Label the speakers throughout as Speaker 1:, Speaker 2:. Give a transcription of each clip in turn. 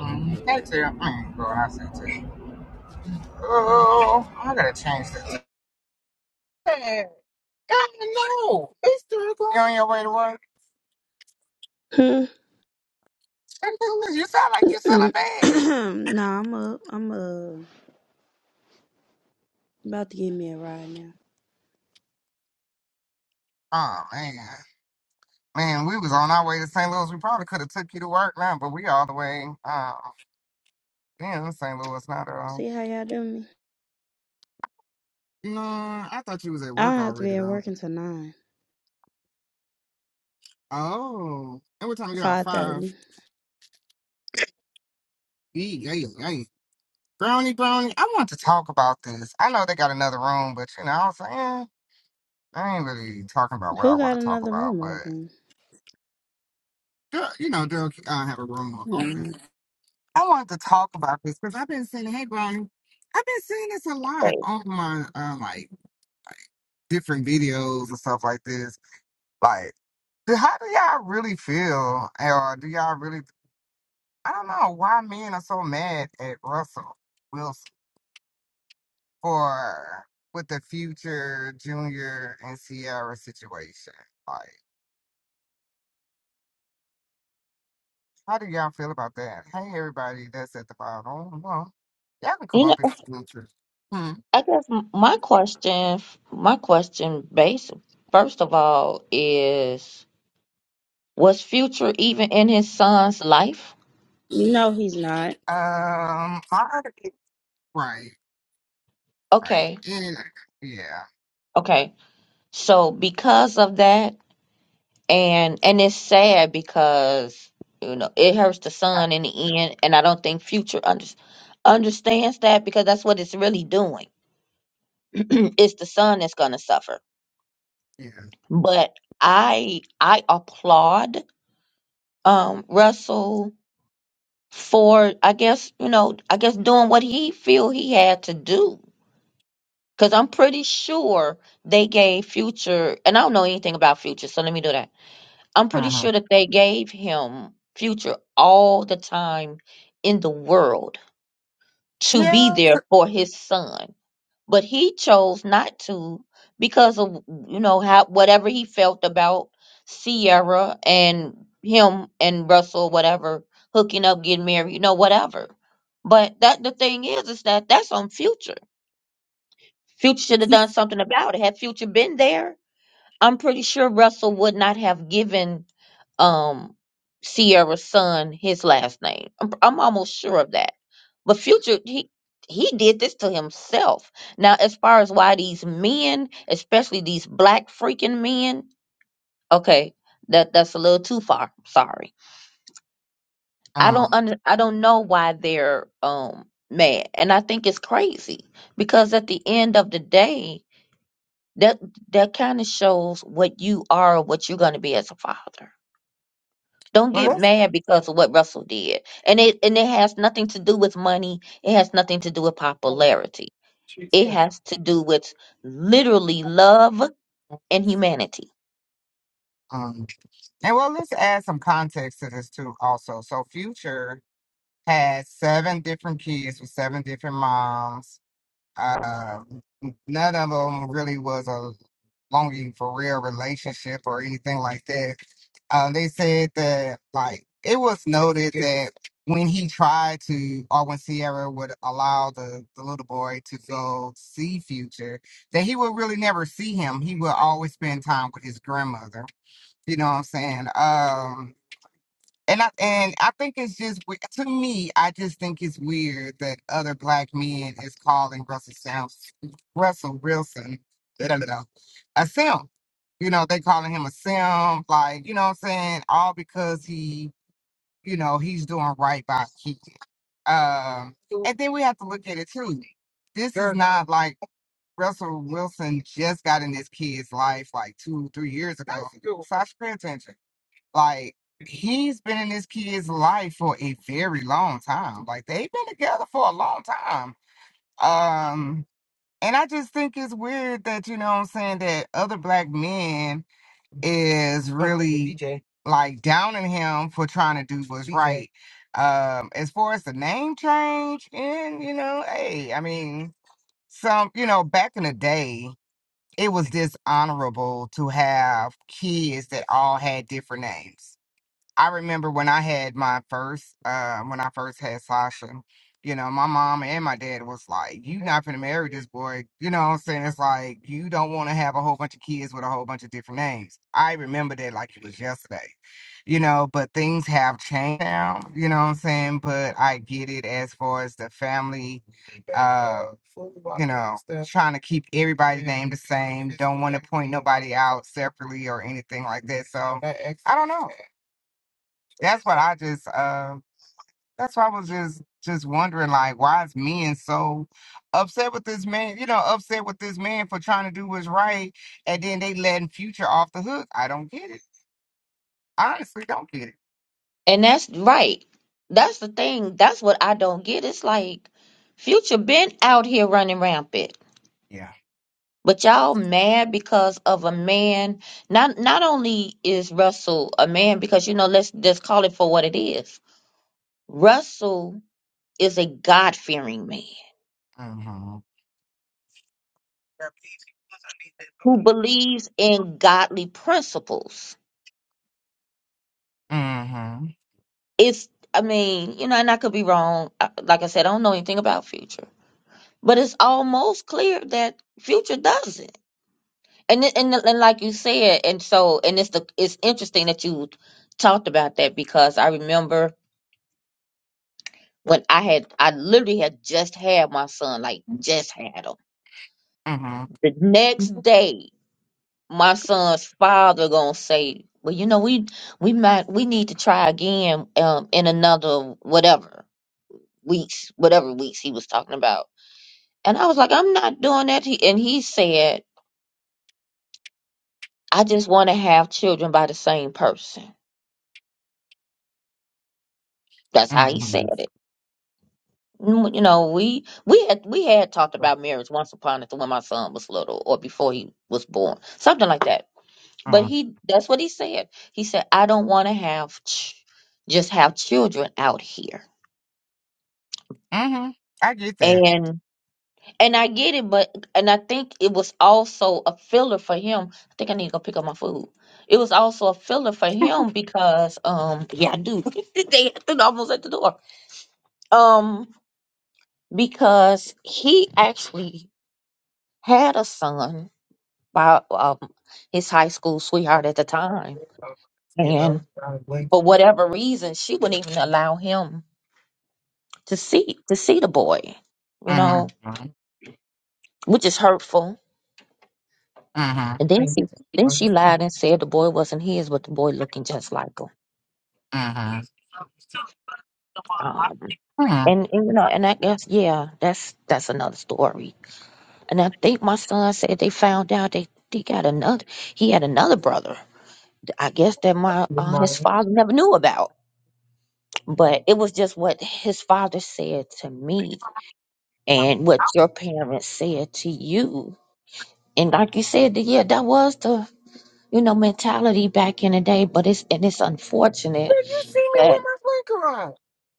Speaker 1: Um, that's it. Mm, girl, I said it. Oh, I gotta change this. Hey, God, no. It's three o'clock. You on your way to work? St. Louis, you sound like you're selling bad. Oh, man. Man, we was on our way to St. Louis. We probably could have took you to work now, but we all the way uh, in St. Louis, not at all. No, I thought you was at work already, though. Oh. And what time you get off? Five? Yee, yay, yay. Brownie, brownie, I want to talk about this. I know they got another room, but you know, I was like, saying. I ain't really talking about what I want to talk about, but Daryl- you know, Daryl uh, have a room open. I wanted to talk about this because I've been seeing, hey, Brian, I've been seeing this a lot
Speaker 2: Right.
Speaker 1: on my uh, like different videos and stuff like this. Like, do- how do y'all really feel, or do y'all really? I don't know why men are so mad at Russell Wilson for with the future Junior and Sierra situation. like How do y'all feel about that? Hey, everybody that's at the bottom. Well, y'all can come
Speaker 2: You know,
Speaker 1: up if you want to. Hmm.
Speaker 2: I guess m- my question, my question, base first of all, is was Future even in his son's life?
Speaker 1: Um, I, right, right.
Speaker 2: Okay,
Speaker 1: And yeah,
Speaker 2: okay. So because of that, and and it's sad because you know it hurts the son in the end, and I don't think Future under, understands that because that's what it's really doing. it's the son that's gonna suffer.
Speaker 1: yeah.
Speaker 2: But I I applaud um Russell for I guess you know I guess doing what he feel he had to do. Cause I'm pretty sure they gave Future, and I don't know anything about Future, so let me do that. I'm pretty
Speaker 1: Uh-huh.
Speaker 2: sure that they gave him Future all the time in the world to be
Speaker 1: Yeah.
Speaker 2: there for his son but he chose not to because of you know how whatever he felt about Sierra and him and Russell whatever hooking up getting married you know whatever but that the thing is is that that's on future future should have done something about it had future been there I'm pretty sure Russell would not have given um Sierra's son his last name. I'm, I'm almost sure of that. But Future, he he did this to himself. Now, as far as why these men, especially these black freaking men, okay, that that's a little too far. Sorry, I don't
Speaker 1: Um,
Speaker 2: under, I don't know why they're um mad, and I think it's crazy because at the end of the day, that that kind of shows what you are, or what you're going to be as a father Don't
Speaker 1: well,
Speaker 2: get
Speaker 1: let's.
Speaker 2: mad because of what Russell did. And it and it has nothing to do with money. It has nothing to do with popularity. It has to do with literally love and humanity.
Speaker 1: Um, and well, let's add some context to this too, also. So, Future had seven different kids with seven different moms Um, none of them really was a longing for real relationship or anything like that. Um, they said that like it was noted that when he tried to, or when Sierra would allow the, the little boy to go see Future, that he would really never see him. He would always spend time with his grandmother. You know what I'm saying? Um, and I and I think it's just we- to me, I just think it's weird that other black men is calling Russell Sounds Russell Wilson da, da, da, da, a sim. You know, they calling him a sim, like, you know what I'm saying? All because he, you know, he's doing right by kids. Um and then we have to look at it too. This is not like Russell Wilson just got in this kid's life like two, three years ago. So I should pay attention. Like he's been in this kid's life for a very long time. Like they've been together for a long time. Um, and I just think it's weird that you know what I'm saying that other black men is really DJ. like downing him for trying to do what's DJ. right. Um, as far as the name change, and you know, hey, I mean, some you know, back in the day, it was dishonorable to have kids that all had different names I remember when I had my first, uh, when I first had Sasha, you know, my mom and my dad was like, you not gonna marry this boy. You know what I'm saying? It's like, you don't want to have a whole bunch of kids with a whole bunch of different names. I remember that like it was yesterday, you know, but things have changed now, you know what I'm saying? But I get it as far as the family, uh, you know, trying to keep everybody's name the same, don't want to point nobody out separately or anything like that. So I don't know that's what I just uh, that's why I was just just wondering like why is men so upset with this man, you know, upset with this man for trying to do what's right and then they letting future off the hook. I don't get it. Honestly don't get it.
Speaker 2: And that's right. That's the thing. That's what I don't get. It's like Future been out here running rampant.
Speaker 1: Yeah.
Speaker 2: But y'all mad because of a man. Not not only is Russell a man because you know let's just call it for what it is. Russell is a God-fearing man
Speaker 1: Mm-hmm.
Speaker 2: who believes in godly principles.
Speaker 1: Mm-hmm.
Speaker 2: It's, I mean, you know, and I could be wrong. I- Like I said, I don't know anything about Future, but it's almost clear that Future doesn't. And it- and and like you said, and so and it's the it's interesting that you talked about that because I remember when I had I literally had just had my son, like just had him.
Speaker 1: Mm-hmm.
Speaker 2: The next day. my son's father gonna say, "Well, you know, we we might we need to try again um, in another whatever weeks, whatever weeks he was talking about." And I was like, "I'm not doing that." He, and he said, "I just want to have children by the same person." That's how he
Speaker 1: Mm-hmm.
Speaker 2: said it. Mm, You know, we we had we had talked about marriage once upon a time when my son was little or before he was born, something like that. But
Speaker 1: Mm-hmm.
Speaker 2: he that's what he said. He said, "I don't want to have ch- just have children out here."
Speaker 1: Mm-hmm. I get that.
Speaker 2: And and I get it, but and I think it was also a filler for him. I think I need to go pick up my food. It was also a filler for him because um yeah I do. they had to- almost at the door. Um because he actually had a son by um his high school sweetheart at the time.
Speaker 1: You
Speaker 2: And
Speaker 1: know, mm-hmm.
Speaker 2: for whatever reason she wouldn't even allow him to see to see the boy, you know,
Speaker 1: Mm-hmm.
Speaker 2: which is hurtful And then she then she
Speaker 1: Mm-hmm.
Speaker 2: lied and said the boy wasn't his, but the boy looking just like him. Um,
Speaker 1: Mhm.
Speaker 2: and, and you know, and I guess yeah, that's that's another story. And I think my son said they found out they they got another. He had another brother. I guess that my uh, his father never knew about. But it was just what his father said to me and what your parents said to you. And like you said, that, yeah, that was the you know mentality back in the day. But it's and it's unfortunate that.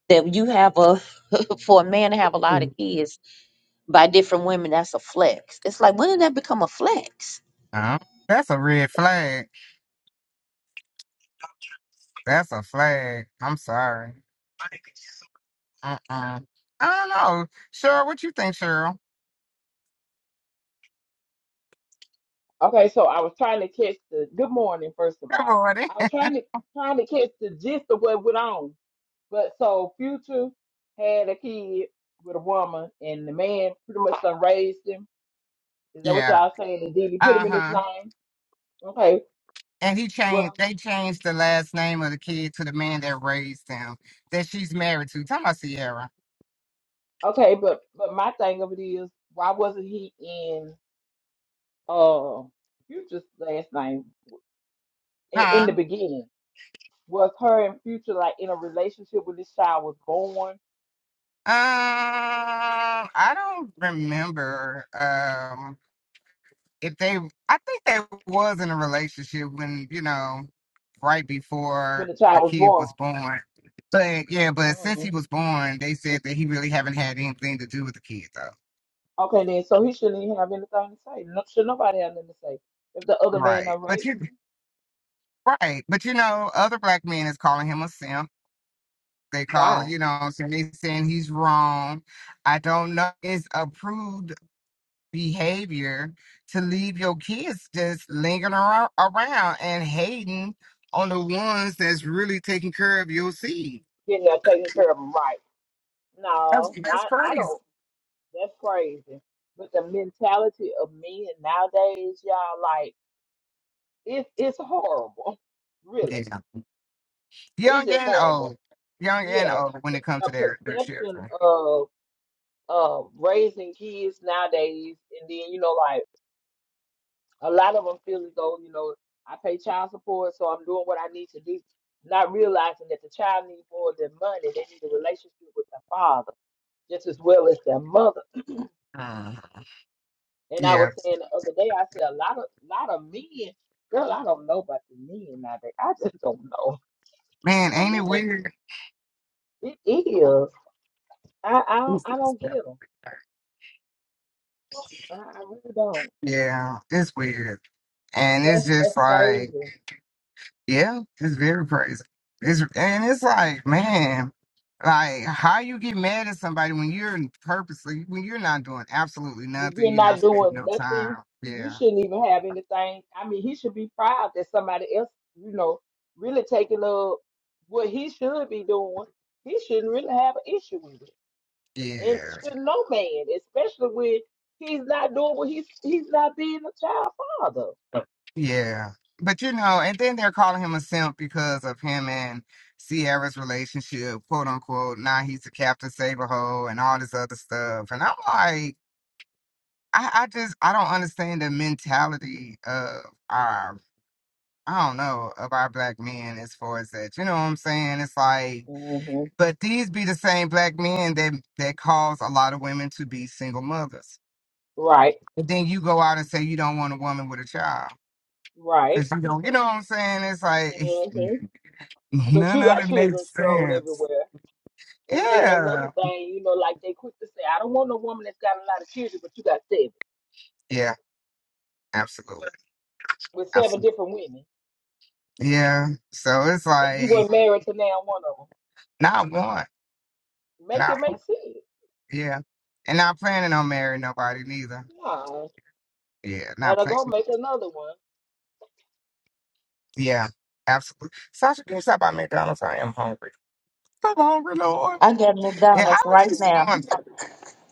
Speaker 2: that you have a for a man to have a lot of kids by different women that's a flex it's like when did that become a flex
Speaker 1: Uh, That's a red flag. That's a flag. I'm sorry. Uh-uh. I don't know. Cheryl, what you think, Cheryl?
Speaker 3: Okay, so I was trying to catch the good morning, first of
Speaker 1: Good
Speaker 3: all.
Speaker 1: morning.
Speaker 3: I was trying to trying to catch the gist of what went on. But so Future had a kid with a woman and the man pretty much done raised him. Is that what
Speaker 1: yeah.
Speaker 3: y'all saying? And then put him in his
Speaker 1: Uh-huh.
Speaker 3: name? Okay.
Speaker 1: And he changed
Speaker 3: Well
Speaker 1: they changed the last name of the kid to the man that raised them that she's married to. Talking about Sierra.
Speaker 3: okay, but but my thing of it is why wasn't he in uh Future's last name in, in
Speaker 1: Huh?
Speaker 3: the beginning? Was her and Future like in a relationship when this child was born?
Speaker 1: Um I don't remember. Um if they I think they was in a relationship when, you know, right
Speaker 3: When
Speaker 1: before
Speaker 3: the
Speaker 1: the
Speaker 3: child was
Speaker 1: kid
Speaker 3: born?
Speaker 1: was born. But yeah, but
Speaker 3: Mm-hmm.
Speaker 1: since he was born, they said that he really haven't had anything to do with the kid though.
Speaker 3: Okay, then, so he shouldn't even have anything to say. No, should nobody have nothing to say? If the other man
Speaker 1: Right.
Speaker 3: are
Speaker 1: But
Speaker 3: raised
Speaker 1: you right. But you know, other black men is calling him a simp. They call
Speaker 3: why?
Speaker 1: you know, so they saying he's wrong. I don't know. It's approved behavior to leave your kids just lingering aro- around and hating on the ones that's really taking care of your seed.
Speaker 3: Getting that taking care of him right.
Speaker 1: That's,
Speaker 3: No,
Speaker 1: that's
Speaker 3: I, I
Speaker 1: crazy.
Speaker 3: don't. That's crazy. But the mentality of men nowadays, y'all, like, it, it's horrible. Really.
Speaker 1: Yeah.
Speaker 3: It's
Speaker 1: Young
Speaker 3: just
Speaker 1: and
Speaker 3: horrible.
Speaker 1: old. Young and
Speaker 3: Yeah.
Speaker 1: old when
Speaker 3: The,
Speaker 1: it comes
Speaker 3: the
Speaker 1: to their, their
Speaker 3: perception
Speaker 1: children.
Speaker 3: of, of raising kids nowadays, and then, you know, like, a lot of them feel as though you know I pay child support, so I'm doing what I need to do, not realizing that the child needs more than money. They need a relationship with their father just as well as their mother.
Speaker 1: Mhm.
Speaker 3: And I
Speaker 1: Yeah.
Speaker 3: was saying the other day, I said a lot of lot of men, girl, I don't know about the men nowadays. I just don't know. I
Speaker 1: Man,
Speaker 3: don't
Speaker 1: ain't it
Speaker 3: know.
Speaker 1: weird?
Speaker 3: It is. I I don't, I don't get them. I, I really don't.
Speaker 1: Yeah, it's weird. And it's
Speaker 3: That's
Speaker 1: just
Speaker 3: that's crazy.
Speaker 1: like, Yeah, it's very crazy. It's and it's like, man, like how you get mad at somebody when you're purposely when you're not doing absolutely
Speaker 3: But
Speaker 1: nothing,
Speaker 3: you're
Speaker 1: you're
Speaker 3: not
Speaker 1: not spending
Speaker 3: doing
Speaker 1: no time.
Speaker 3: nothing. You
Speaker 1: Yeah,
Speaker 3: shouldn't even have anything. I mean, he should be proud that somebody else, you know, really taking up what he should be doing. He shouldn't really have an issue with it.
Speaker 1: yeah,
Speaker 3: And should no man, especially when he's not doing what he's he's not being a child father.
Speaker 1: yeah. But you know, and then they're calling him a simp because of him and Sierra's relationship, quote unquote. Now he's a Captain Saberho and all this other stuff. And I'm like, I, I just I don't understand the mentality of our I don't know of our black men as far as that. You know what I'm saying? It's like,
Speaker 3: hmm
Speaker 1: but these be the same black men that that cause a lot of women to be single mothers.
Speaker 3: Right,
Speaker 1: But then you go out and say you don't want a woman with a child
Speaker 3: right.
Speaker 1: because you don't. You know what I'm saying? It's like it's,
Speaker 3: hmm But
Speaker 1: none
Speaker 3: you
Speaker 1: of
Speaker 3: got
Speaker 1: it
Speaker 3: children
Speaker 1: makes
Speaker 3: strolled
Speaker 1: sense.
Speaker 3: everywhere. And then another
Speaker 1: Yeah,
Speaker 3: thing, you know, like they quick to say, I don't want no woman that's got a lot of children, but you got seven
Speaker 1: yeah, absolutely,
Speaker 3: with seven
Speaker 1: absolutely.
Speaker 3: different women.
Speaker 1: Yeah. So it's
Speaker 3: and you
Speaker 1: like
Speaker 3: were married to now one of them.
Speaker 1: not one,
Speaker 3: Make
Speaker 1: not
Speaker 3: it make
Speaker 1: one.
Speaker 3: sense.
Speaker 1: Yeah, and not planning on marrying nobody neither.
Speaker 3: Nah, and
Speaker 1: Yeah,
Speaker 3: I
Speaker 1: not
Speaker 3: to
Speaker 1: planning.
Speaker 3: go make another
Speaker 1: Yeah, absolutely. Sasha, can you stop by McDonald's? I am hungry. So hungry, Lord.
Speaker 2: i got
Speaker 1: Yeah, I
Speaker 2: mcdonald's
Speaker 1: was
Speaker 2: right
Speaker 1: just
Speaker 3: one.
Speaker 2: now
Speaker 1: going.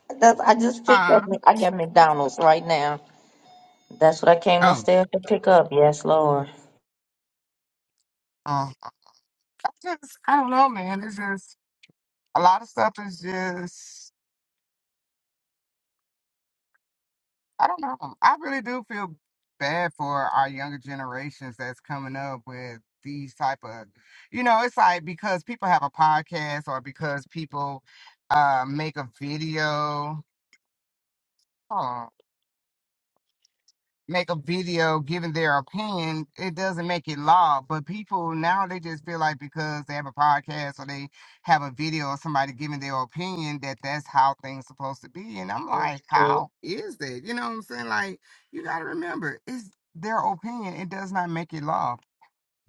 Speaker 2: that's, i just picked up
Speaker 1: Uh,
Speaker 2: Mc- i got mcdonald's right now that's what i came
Speaker 1: oh,
Speaker 2: upstairs to pick up yes lord
Speaker 1: uh, I just, I don't know, man. It's just a lot of stuff is just, I don't know. I really do feel bad for our younger generations that's coming up with these type of, you know, it's like because people have a podcast or because people uh, make a video. Oh. make a video giving their opinion, it doesn't make it law. But people now they just feel like because they have a podcast or they have a video of somebody giving their opinion that that's how things supposed to be. And I'm like,
Speaker 3: hmm
Speaker 1: how is that? You know what I'm saying? Like you got to remember, it's their opinion. It does not make it law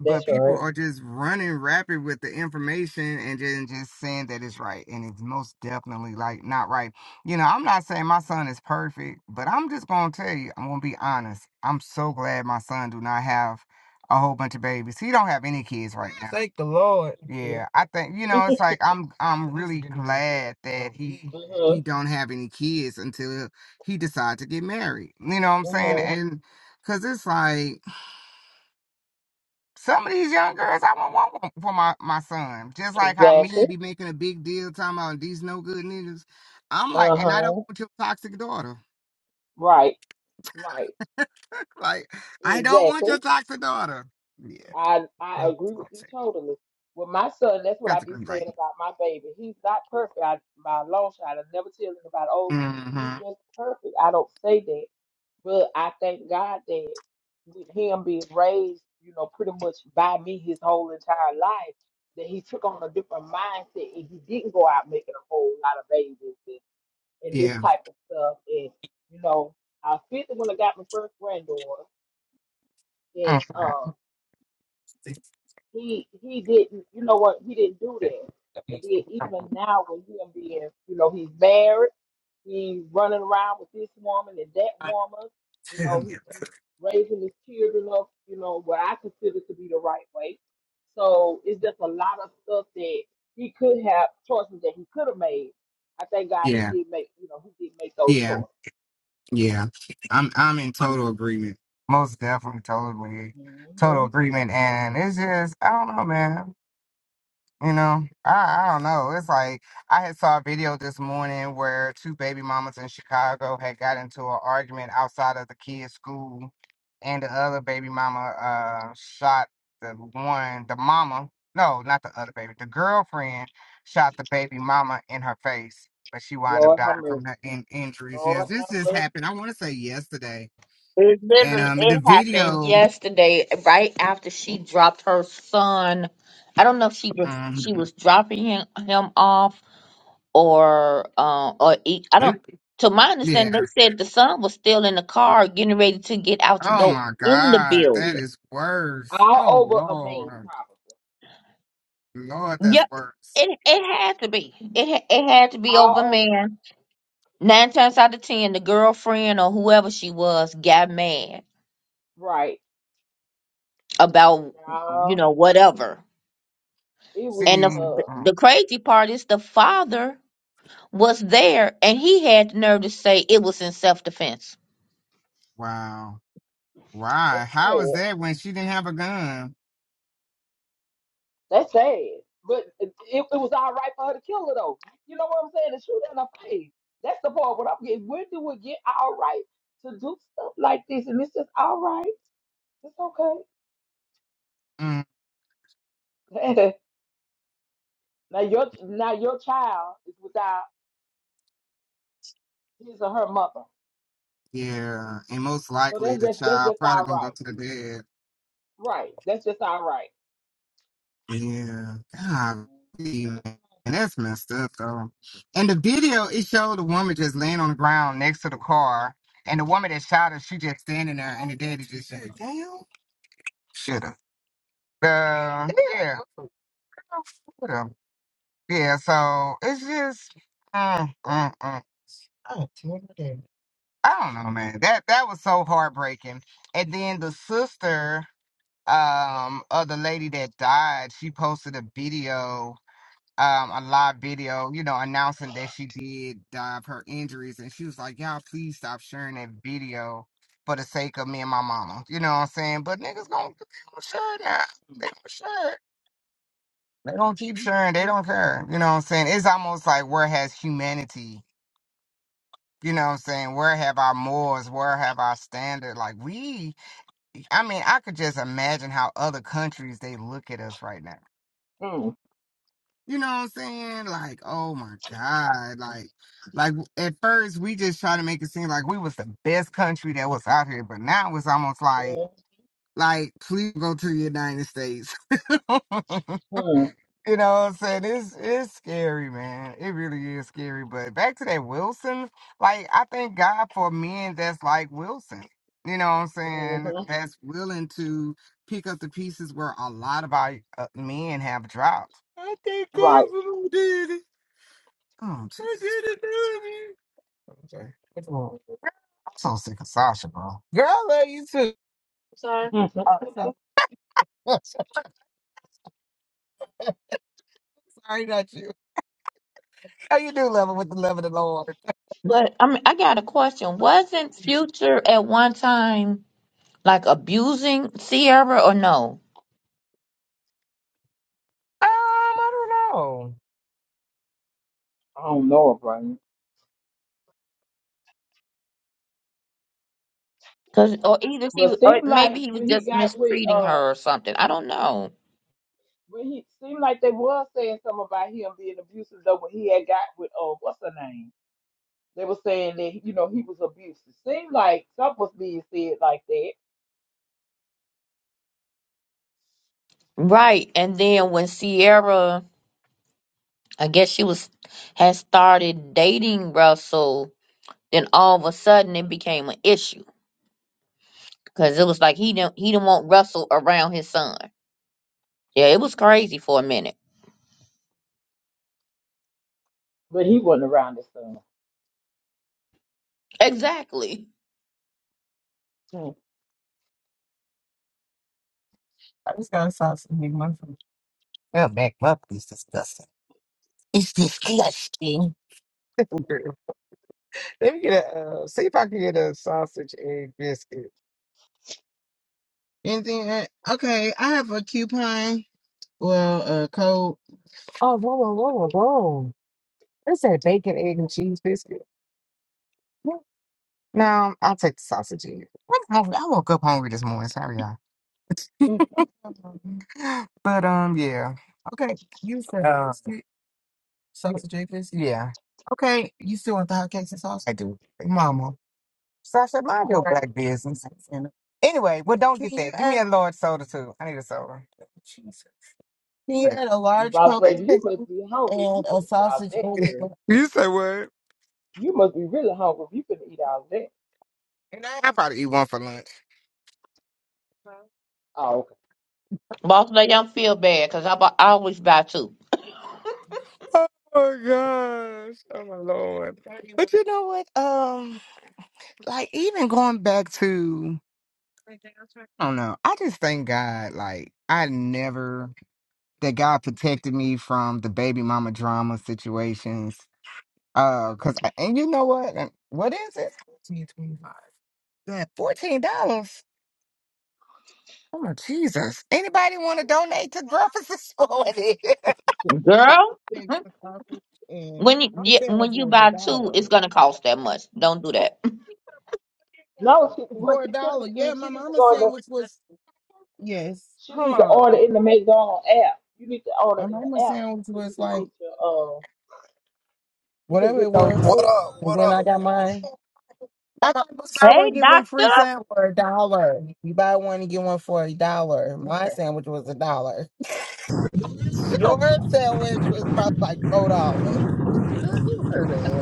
Speaker 3: That's
Speaker 1: people
Speaker 3: right.
Speaker 1: are just running rapid with the information and then just saying that it's right and it's most definitely like not right you know i'm not saying my son is perfect but i'm just gonna tell you i'm gonna be honest i'm so glad my son do not have a whole bunch of babies he don't have any kids right now yeah,
Speaker 3: hmm
Speaker 1: I think you know it's like I'm I'm really glad that he
Speaker 3: hmm
Speaker 1: he don't have any kids until he decide to get married. You know what I'm saying?
Speaker 3: hmm
Speaker 1: Mhm. And cuz it's like some of these young girls, I wouldn't want one for my, my son. Just like how
Speaker 3: Exactly.
Speaker 1: men be making a big deal talking about these no good niggas. I'm like,
Speaker 3: Uh
Speaker 1: and I don't
Speaker 3: huh.
Speaker 1: want your toxic daughter.
Speaker 3: Right. Right.
Speaker 1: like, I don't want
Speaker 3: Exactly.
Speaker 1: your toxic daughter. Yeah.
Speaker 3: I I agree with you totally. With my son, that's what I
Speaker 1: That's a
Speaker 3: be
Speaker 1: green light.
Speaker 3: saying about my baby. He's not perfect. I, my long shot. I never tell him about oh, he's
Speaker 1: Mm-hmm.
Speaker 3: just perfect. I don't say that. But I thank God that with him being raised, you know, pretty much by me his whole entire life, that he took on a different mindset and he didn't go out making a whole lot of babies and, and this
Speaker 1: Yeah.
Speaker 3: type of stuff. And, you know, I feel that when I got my first granddaughter and
Speaker 1: Okay.
Speaker 3: um he he didn't you know what, he didn't do that. And then even now with him being, you know, he's married He running around with this woman and that woman. You know, he, he raising his children up, you know, what I consider to be the right way. So it's just a lot of stuff that he could have choices that he could have made. I thank God
Speaker 1: Yeah.
Speaker 3: he did make, you know, he did make those
Speaker 1: Yeah.
Speaker 3: choices.
Speaker 1: Yeah. I'm I'm in total agreement. Most definitely totally total
Speaker 3: hmm
Speaker 1: agreement. And it's just I don't know, man. You know, I, I don't know. It's like I had saw a video this morning where two baby mamas in Chicago had got into an argument outside of the kids' school, and the other baby mama uh shot the one, the mama. No, not the other baby. The girlfriend shot the baby mama in her face, but she wound up
Speaker 3: Lord have
Speaker 1: dying
Speaker 3: mercy.
Speaker 1: from her in- injuries. Yes,
Speaker 3: Lord
Speaker 1: this
Speaker 3: have
Speaker 1: just
Speaker 3: mercy.
Speaker 1: happened. I want to say yesterday,
Speaker 2: It
Speaker 1: and
Speaker 2: literally
Speaker 1: um, the
Speaker 2: it happened
Speaker 1: video,
Speaker 2: yesterday, right after she dropped her son. I don't know if she was
Speaker 1: um,
Speaker 2: she was dropping him, him off or uh, or he, I
Speaker 1: it,
Speaker 2: don't. To my understanding,
Speaker 1: yeah.
Speaker 2: they said the son was still in the car, getting ready to get out to
Speaker 1: Oh
Speaker 2: go
Speaker 1: my
Speaker 2: in the
Speaker 1: God, that
Speaker 2: building.
Speaker 1: is worse.
Speaker 3: All
Speaker 1: Oh
Speaker 3: over a man,
Speaker 1: Lord,
Speaker 3: probably.
Speaker 1: Lord, that's
Speaker 2: Yep,
Speaker 1: worse.
Speaker 2: it it had to be. It ha- it had to be over,
Speaker 3: All over.
Speaker 2: man. Nine times out of ten, the girlfriend or whoever she was got mad
Speaker 3: Right.
Speaker 2: about you
Speaker 3: Um,
Speaker 2: know whatever
Speaker 3: it was,
Speaker 2: And
Speaker 1: See,
Speaker 2: the,
Speaker 3: uh,
Speaker 1: oh,
Speaker 2: the crazy part is the father was there and he had the nerve to say it was in self defense.
Speaker 1: wow, why?
Speaker 3: that's
Speaker 1: How
Speaker 3: sad.
Speaker 1: is that when she didn't have a gun?
Speaker 3: That's sad. But it, it was all right for her to kill her though. You know what I'm saying? To shoot her in the face. That's the part when I'm getting when do it get all right to do stuff like this and it's just all right. It's okay.
Speaker 1: Mm,
Speaker 3: now your now your child is without his or her mother.
Speaker 1: yeah, and most
Speaker 3: So
Speaker 1: likely
Speaker 3: that's
Speaker 1: the
Speaker 3: just that's
Speaker 1: child
Speaker 3: just
Speaker 1: probably
Speaker 3: all
Speaker 1: gonna go
Speaker 3: right.
Speaker 1: to the bed.
Speaker 3: Right. That's just all right.
Speaker 1: Yeah, God, man, that's messed up though. And the video it showed the woman just laying on the ground next to the car, and the woman that shot her, she just standing there, and the daddy just said, "Damn, shoulda." The yeah. Florida. Yeah, so it's just, mm, mm, mm. I don't know, man. That that was so heartbreaking. And then the sister um of the lady that died, she posted a video, um, a live video, you know, announcing that she did die of her injuries, and she was like, "Y'all, please stop sharing that video for the sake of me and my mama." You know what I'm saying? But niggas gonna they don't share that.
Speaker 3: Mm.
Speaker 1: They gonna share. it. They don't keep sharing. They don't care. You know what I'm saying? It's almost like where has humanity? You know what I'm saying? Where have our morals? Where have our standard? Like we, I mean, I could just imagine how other countries they look at us right now.
Speaker 3: Mhm.
Speaker 1: You know what I'm saying? Like, oh my God. Like, like at first we just try to make it seem like we was the best country that was out here, but now it's almost like, like, please go to the United States.
Speaker 3: Mhm.
Speaker 1: You know what I'm saying? It's it's scary, man. It really is scary. But back to that Wilson, like I thank God for men that's like Wilson. You know what I'm saying? That's willing to pick up the pieces where a lot of our uh, men have dropped. I thank
Speaker 3: Right.
Speaker 1: God for who did it. Oh, Jesus. I did it, baby. Sorry. What's wrong? I'm so sick of Sasha, bro. Girl, I love you too. Sorry.
Speaker 3: Mhm.
Speaker 1: Oh, so sorry, not you. I you with the love of the Lord.
Speaker 2: But I mean, I got a question. Wasn't Future at one time like abusing Sierra or no?
Speaker 1: Oh,
Speaker 3: I don't know, Brian.
Speaker 2: Cause or either he
Speaker 3: But
Speaker 2: was- or
Speaker 3: seemed
Speaker 2: maybe
Speaker 3: like
Speaker 2: he was
Speaker 3: when he
Speaker 2: just
Speaker 3: got with
Speaker 2: mistreating
Speaker 3: uh,
Speaker 2: her or something. I don't know.
Speaker 3: Well, he seemed like they was saying something about him being abusive, though. What he had got with uh, what's her name? They were saying that you know he was abusive. Seemed like something was being said like that,
Speaker 2: Right. And then when Sierra, I guess she was had started dating Russell, then all of a sudden it became an issue. Cause it was like he didn't he didn't want Russell around his son. Yeah, it was crazy for a minute.
Speaker 3: but he wasn't around his son.
Speaker 2: Exactly.
Speaker 3: Mm,
Speaker 1: I just got to Sasha. Well, back up is disgusting. It's disgusting. Let me get a uh, see if I can get a sausage egg biscuit. And uh, okay, I have a coupon. Well, a code. Oh, whoa, whoa, whoa, whoa, whoa! Is that bacon, egg, and cheese biscuit? No, I'll take the sausage egg. I'm hungry. I woke up hungry this morning. Sorry, y'all.
Speaker 3: mm.
Speaker 1: But um, yeah. You said Uh, biscuit, sausage egg biscuit. yeah. Mama, Sasha, Mind your black business. Anyway, well, don't get She that. Give me had, a large soda too. I need a soda. she Thank had a
Speaker 3: The
Speaker 1: large
Speaker 3: boss
Speaker 1: Coke. to you.
Speaker 3: lady, you
Speaker 1: that?
Speaker 3: must be hungry. You can eat all of that, girl.
Speaker 1: You say what?
Speaker 3: You must be really hungry. You can eat all of that.
Speaker 1: And I, I probably eat one for lunch.
Speaker 3: Oh, okay.
Speaker 2: Boss lady, I don't feel bad because I, bu- I always buy two.
Speaker 1: Oh my gosh. Oh my lord. But you know what? Um, like even going back to I don't know. I just thank God. Like I never that God protected me from the baby mama drama situations. Uh, cause I, and you know what? And What is it? That $14. Oh Jesus! Anybody want to donate to Jefferson School?
Speaker 2: Girl, when you yeah, when you buy two, it's gonna cost that much. Don't do that.
Speaker 3: No, she, what she should have did, she need to go in the, she need to order in the McDonald's app. You need to order
Speaker 1: I mean,
Speaker 3: in the app
Speaker 1: it
Speaker 3: so you
Speaker 1: was
Speaker 3: can
Speaker 1: like,
Speaker 3: get your uh, you can get those
Speaker 4: What
Speaker 3: things you
Speaker 4: up?
Speaker 1: and
Speaker 4: What
Speaker 1: then
Speaker 3: order
Speaker 1: I
Speaker 4: up?
Speaker 3: in
Speaker 1: got
Speaker 3: the app.
Speaker 1: mine. I got my buy
Speaker 2: Hey,
Speaker 1: one get one free
Speaker 2: doctor.
Speaker 1: sandwich for a dollar. You buy one and get one for a dollar. My sandwich was a dollar. Your Sure. sandwich was probably like four dollars.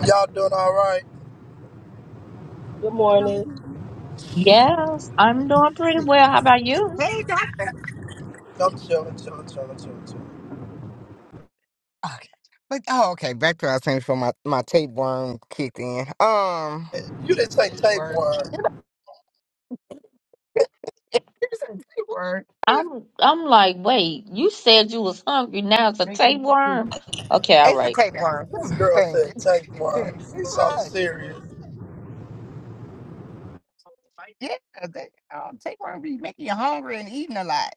Speaker 4: Y'all doing all right?
Speaker 3: Good morning.
Speaker 2: Yes, I'm doing pretty well. How about you?
Speaker 4: No, I'm chilling, chilling, chilling, chilling, chilling.
Speaker 1: Okay, but oh, okay. Back to our sandwich for my my tapeworm kicked in. Um,
Speaker 4: Eh, You didn't say
Speaker 1: tapeworm.
Speaker 4: tapeworm.
Speaker 1: Here's a tapeworm.
Speaker 2: I'm I'm like, wait, you said you was hungry. Now it's a
Speaker 1: Thank you.
Speaker 2: tapeworm. Okay, all
Speaker 1: It's a
Speaker 2: right.
Speaker 1: tapeworm.
Speaker 4: This girl
Speaker 1: Thank
Speaker 4: said
Speaker 1: you.
Speaker 4: tapeworm. She's something
Speaker 1: Hush.
Speaker 4: serious.
Speaker 1: Yeah, they, um, tapeworm be making you hungry and eating a lot.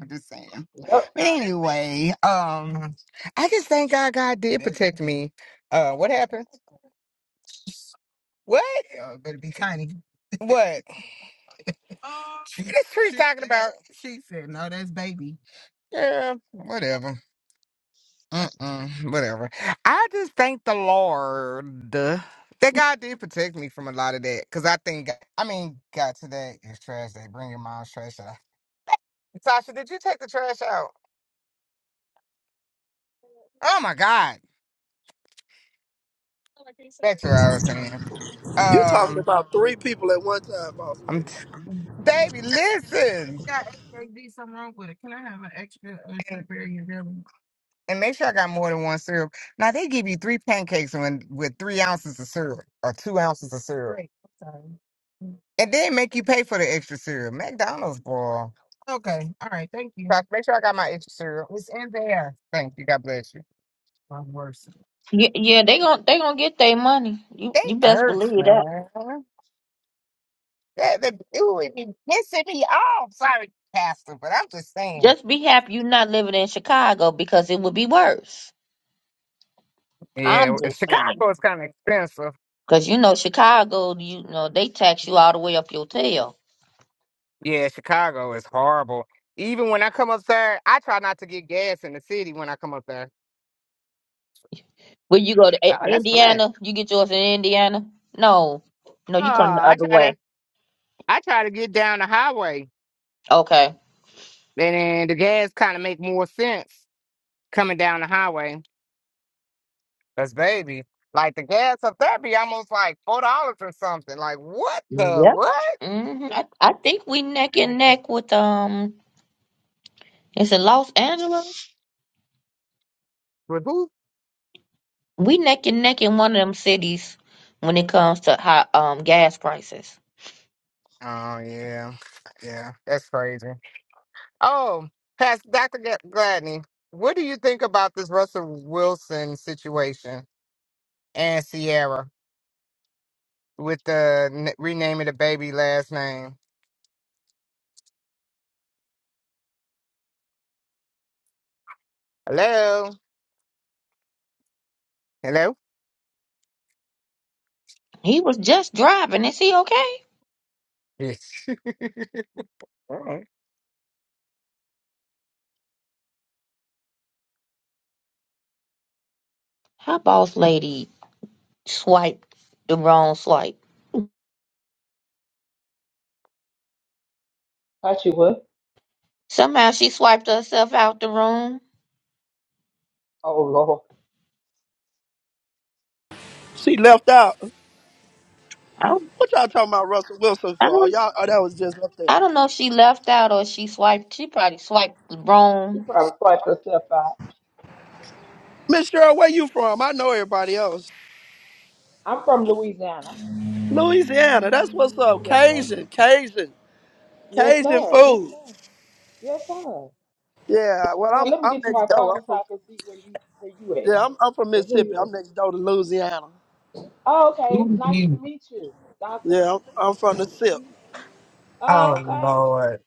Speaker 1: I'm just saying.
Speaker 3: Yep,
Speaker 1: But anyway, um, I just thank God God did protect me. Uh, what happened? What? Uh, better be Connie. What? This she's talking about. She said, "No, that's baby." Yeah, whatever. Mm-mm, whatever. I just thank the Lord that God did protect me from a lot of that. Cause I think, I mean, God, today is trash day. Bring your mom's trash out. Tasha, did you take the trash out? Oh my God. That's what I was saying.
Speaker 4: You talking
Speaker 1: Um,
Speaker 4: about three people at one time, boss lady?
Speaker 1: I'm t- baby, listen. Yeah, if there's something wrong with it. Can I have an extra uh, and, cranberry and jelly? And make sure I got more than one syrup. Now they give you three pancakes when, with three ounces of syrup or two ounces of syrup, Great. and then make you pay for the extra syrup. McDonald's boy. Okay, all right, thank you. Tasha, make sure I got my extra syrup. It's in there. Thank you. God bless you.
Speaker 2: Yeah, yeah, they gon' they gonna get their money. You
Speaker 1: They
Speaker 2: you best
Speaker 1: hurt,
Speaker 2: believe that.
Speaker 1: man. That, that it would be pissing me off. Sorry, Pastor, but I'm just saying.
Speaker 2: Just be happy you're not living in Chicago because it would be worse. I'm
Speaker 1: Yeah,
Speaker 2: just saying.
Speaker 1: Chicago is kind of expensive.
Speaker 2: Because you know, Chicago, you know, they tax you all the way up your tail.
Speaker 1: Yeah, Chicago is horrible. Even when I come up there, I try not to get gas in the city when I come up there.
Speaker 2: When you go to
Speaker 1: Oh,
Speaker 2: I-
Speaker 1: that's flat.
Speaker 2: Indiana, you get yours in Indiana? No. No,
Speaker 1: Oh,
Speaker 2: you come the
Speaker 1: I
Speaker 2: other
Speaker 1: try to
Speaker 2: way.
Speaker 1: I try to get down the highway,
Speaker 2: Okay.
Speaker 1: and then the gas kind of make more sense coming down the highway. That's baby. Like the gas up there be almost like four dollars or something. Like what the
Speaker 2: Yep.
Speaker 1: what?
Speaker 2: hmm I, I think we neck and neck with, um, is it Los Angeles?
Speaker 1: With who?
Speaker 2: We neck and neck in one of them cities when it comes to high, um, gas prices.
Speaker 1: Oh yeah, yeah, that's crazy. Oh, Pastor Doctor G- Gladney, what do you think about this Russell Wilson situation and Sierra with the n- renaming the baby last name? Hello, hello.
Speaker 2: He was just driving. Is he okay?
Speaker 1: Yes. Alright.
Speaker 2: How boss lady Swipe the wrong swipe.
Speaker 3: thought you would.
Speaker 2: Somehow she swiped herself out the room.
Speaker 3: Oh Lord,
Speaker 4: She left out.
Speaker 2: I don't,
Speaker 4: What y'all talking about Russell Wilson
Speaker 2: I
Speaker 4: for? Oh,
Speaker 2: don't,
Speaker 4: Y'all, oh, that was just up there.
Speaker 2: I don't know if she left out or she swiped. She probably swiped the
Speaker 3: you
Speaker 2: wrong.
Speaker 3: probably swiped yourself out.
Speaker 4: Miss Cheryl, where you from? I know everybody else.
Speaker 3: I'm from Louisiana.
Speaker 4: Louisiana. That's what's up.
Speaker 3: Yes, sir.
Speaker 4: Cajun, Cajun,
Speaker 3: Yes,
Speaker 4: Cajun
Speaker 3: sir. Yes,
Speaker 4: food.
Speaker 3: sir. Yes, sir.
Speaker 4: Yeah. Well,
Speaker 3: Now
Speaker 4: I'm
Speaker 3: let me
Speaker 4: I'm
Speaker 3: get to my
Speaker 4: next door.
Speaker 3: phone
Speaker 4: I'm
Speaker 3: so
Speaker 4: from
Speaker 3: I can see where you where you at
Speaker 4: yeah. I'm I'm from
Speaker 3: and who
Speaker 4: Mississippi.
Speaker 3: you. are.
Speaker 4: I'm next door to Louisiana.
Speaker 3: Oh, okay. Nice to
Speaker 1: Mhm.
Speaker 3: meet you, Doctor.
Speaker 4: Yeah, I'm, I'm from the SIP.
Speaker 1: oh
Speaker 3: Oh, okay.
Speaker 1: Lord,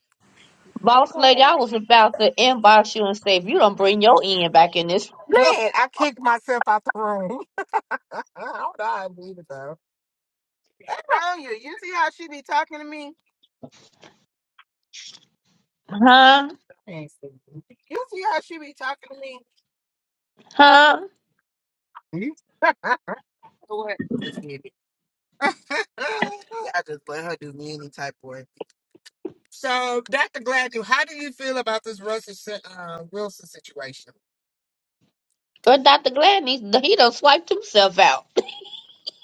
Speaker 2: Boss
Speaker 3: Okay.
Speaker 2: lady, I was about to inbox you and say, if you don't bring your end back in this room,
Speaker 1: man, I kicked myself out the room. I don't know how I believe it though. That's wrong you. You see how she be talking to me?
Speaker 2: huh?
Speaker 1: Thanks. You see how she be talking
Speaker 2: Huh?
Speaker 1: to me? know what? Forget I just let her do me any type of work. So, Dr. Gladue, how do you feel about this Russell si- uh, Wilson situation?
Speaker 2: Good Dr. Gladney, he he done swiped himself out.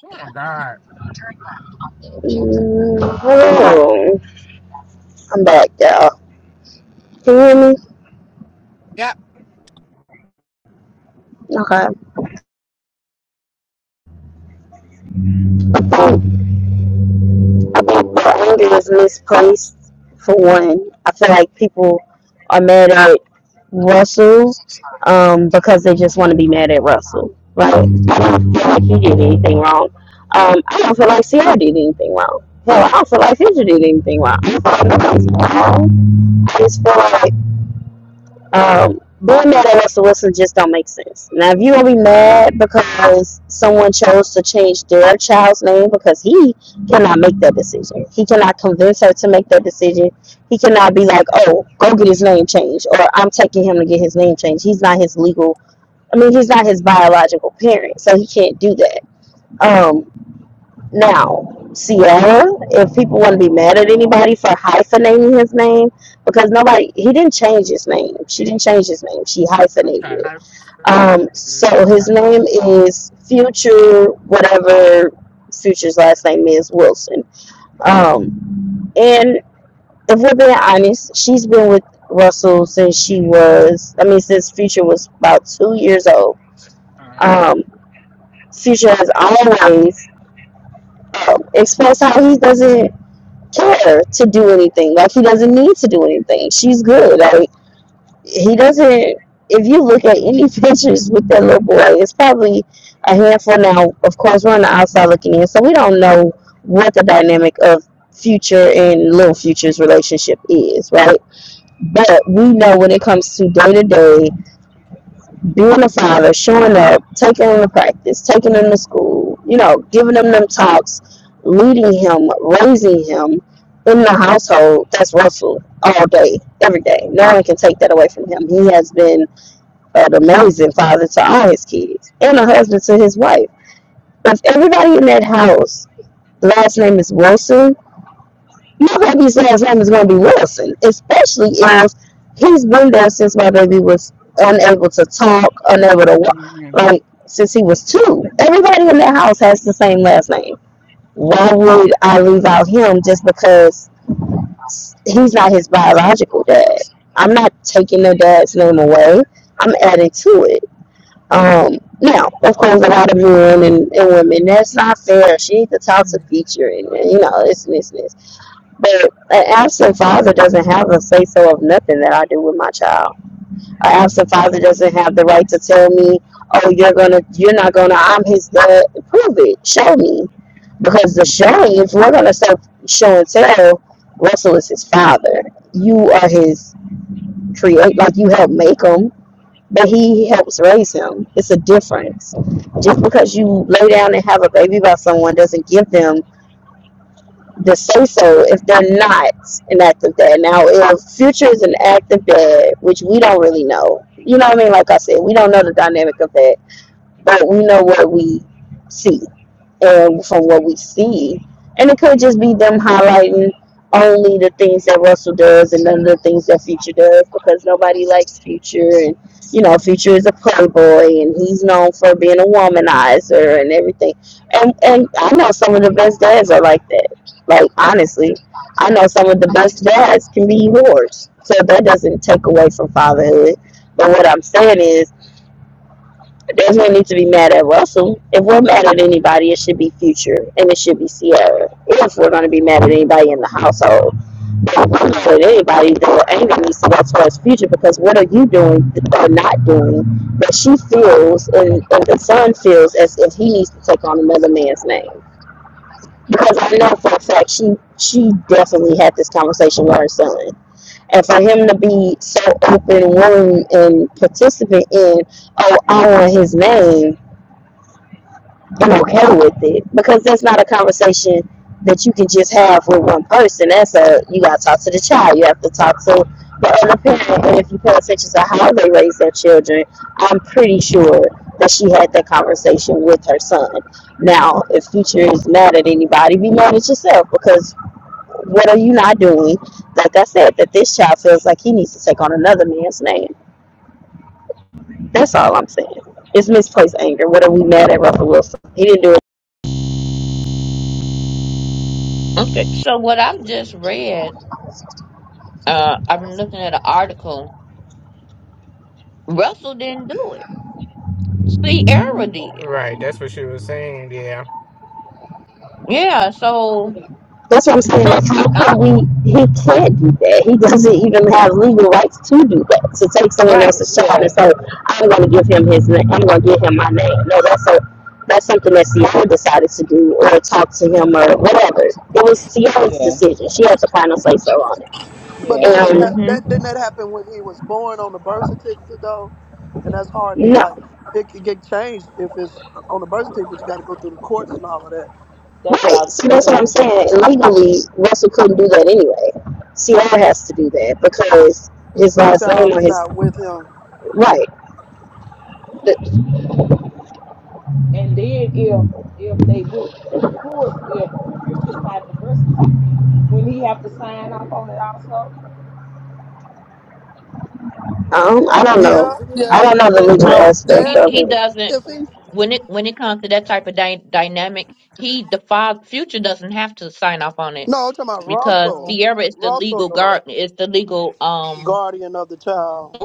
Speaker 1: Oh, my God.
Speaker 5: Can you hear me?
Speaker 1: Yep.
Speaker 5: Okay. Um, I think the anger is misplaced for one. I feel like people are mad at Russell um, because they just want to be mad at Russell. Right? I don't feel like he did anything wrong. Um, I don't feel like Sierra did anything wrong. Hell, I don't feel like Future did anything wrong. I don't feel like nobody's wrong. I just feel like Um, being mad at Russell Wilson just don't make sense. Now, if you gonna be mad because someone chose to change their child's name because he cannot make that decision, he cannot convince her to make that decision. He cannot be like, "Oh, go get his name changed," or "I'm taking him to get his name changed." He's not his legal. I mean, he's not his biological parent, so he can't do that. Um, now, Sierra, if people want to be mad at anybody for hyphenating his name, because nobody, he didn't change his name. She didn't change his name. She hyphenated
Speaker 1: Okay.
Speaker 5: it.
Speaker 1: I-
Speaker 5: Um, so his
Speaker 1: Okay.
Speaker 5: name is Future, whatever Future's last name is, Wilson. Um, and if we're being honest, she's been with Russell since she was, I mean, since Future was about two years old.
Speaker 1: Uh huh.
Speaker 5: Um, Future has always um, expressed how he doesn't care to do anything. Like he doesn't need to do anything. She's good. Like he doesn't. If you look at any pictures with that little boy, it's probably a handful. Now, of course, we're on the outside looking in, so we don't know what the dynamic of future and little future's relationship is, right? But we know when it comes to day to day being a father, showing up, taking him to practice, taking him to school, you know, giving him them talks, leading him, raising him in the household, that's Russell all day, every day. No one can take that away from him. He has been an amazing father to all his kids and a husband to his wife. If everybody in that house, the last name is Wilson, nobody's last name is going to be Wilson, especially if he's been there since my baby was unable to talk, unable to walk, like since he was two. Everybody in that house has the same last name. Why would I leave out him just because he's not his biological dad? I'm not taking their dad's name away. I'm adding to it. Um, now, of course, a lot of men and, and women, that's not fair. She needs to talk to feature and, you know, this and this and this but an absent father doesn't have a say so of nothing that I do with my child. An absent father
Speaker 1: Mhm.
Speaker 5: doesn't have the right to tell me, "Oh, you're gonna, you're not gonna." I'm his dad. Prove it. Show me. Because the
Speaker 1: Mhm.
Speaker 5: showing, if we're gonna say show and tell, Russell is his father. You are his create. Like you help make him, but he helps raise him. It's a difference. Just because you lay down and have a baby by someone doesn't give them the say so if they're not an active dad. Now, if Future is an active dad, which we don't really know, you know what I mean? Like I said, we don't know the dynamic of that, but we know what we see and from what we see. And it could just be them highlighting only the things that Russell does and none of the things that Future does because nobody likes Future and you know Future is a playboy and he's known for being a womanizer and everything. And and I know some of the best dads are like that. Like honestly, I know some of the best dads can be whores. So that doesn't take away from fatherhood. But what I'm saying is there's no need to be mad at Russell. If we're mad at anybody, it should be Future and it should be Sierra. If we're going to be mad at anybody in the household, if we're mad at anybody, then the anger needs to go towards Future because what are you doing or not doing that she feels and, and the son feels as if he needs to take on another man's name? Because I know for a fact she she definitely had this conversation with her son. And for him to be so open, willing, and participant in, oh, I want his name, I'm okay with it because that's not a conversation that you can just have with one person. That's a you got to talk to the child. You have to talk to the other parent, and if you pay attention to how they raise their children, I'm pretty sure that she had that conversation with her son. Now, if future is mad at anybody, be mad at yourself because what are you not doing? Like I said, that this child feels like he needs to take on another man's name. That's all I'm saying. It's misplaced anger. What are we mad at Russell Wilson? He didn't do
Speaker 2: Okay, so what I've just read, uh, I'm looking at an article. Russell didn't do it. See, Era did.
Speaker 1: Right. That's what she was saying. Yeah.
Speaker 2: Yeah, so
Speaker 5: That's what I'm saying.
Speaker 2: I-
Speaker 5: Like, how could
Speaker 2: I'm
Speaker 5: we? He can't do that. He doesn't even have legal rights to do that. To take someone
Speaker 2: right.
Speaker 5: else's child
Speaker 3: Yeah,
Speaker 5: and say, "I'm going to give him his name. I'm going to give him my name." No, that's a that's something that Sierra decided to do, or talk to him, or whatever. It was Sierra's
Speaker 3: yeah,
Speaker 5: decision. She has the final say so on it.
Speaker 4: But
Speaker 3: yeah.
Speaker 4: that was
Speaker 5: And
Speaker 4: hap-
Speaker 2: hmm
Speaker 4: that didn't that happen when he was born on the birth certificate though, and that's hard to
Speaker 5: no,
Speaker 4: like. It could get changed if it's on the birth certificate. You got to go through the courts and all of that.
Speaker 3: That's what
Speaker 5: right.
Speaker 3: I.
Speaker 5: So
Speaker 3: That's
Speaker 5: that's
Speaker 3: what
Speaker 5: what
Speaker 3: I
Speaker 5: I'm
Speaker 3: was. saying.
Speaker 5: saying. Legally, Russell couldn't do that anyway. Sierra has to do that because his
Speaker 4: The
Speaker 5: last
Speaker 4: child
Speaker 5: name on
Speaker 4: is
Speaker 5: his
Speaker 4: not with him.
Speaker 5: right. The,
Speaker 3: And then if if they went through the court, if Future signed the birth certificate, wouldn't he have to sign off on it also in
Speaker 5: Um, I
Speaker 3: order
Speaker 5: don't
Speaker 3: for them to
Speaker 5: know.
Speaker 4: Yeah,
Speaker 3: do
Speaker 5: I
Speaker 4: yeah.
Speaker 3: it?
Speaker 5: don't know the
Speaker 4: the-
Speaker 5: legal
Speaker 4: if
Speaker 2: No,
Speaker 4: he's
Speaker 5: aspect
Speaker 2: he
Speaker 5: of
Speaker 4: there,
Speaker 2: he
Speaker 5: it.
Speaker 2: doesn't.
Speaker 4: if he's
Speaker 2: When it when it comes to that type of dy- dynamic, he the father future doesn't have to sign off on it
Speaker 4: no, I'm talking about
Speaker 2: because
Speaker 4: Russell.
Speaker 3: Uh-huh.
Speaker 2: Sierra is the
Speaker 4: Russell,
Speaker 2: legal guard.
Speaker 4: the
Speaker 2: Is the legal um.
Speaker 4: guardian of the child.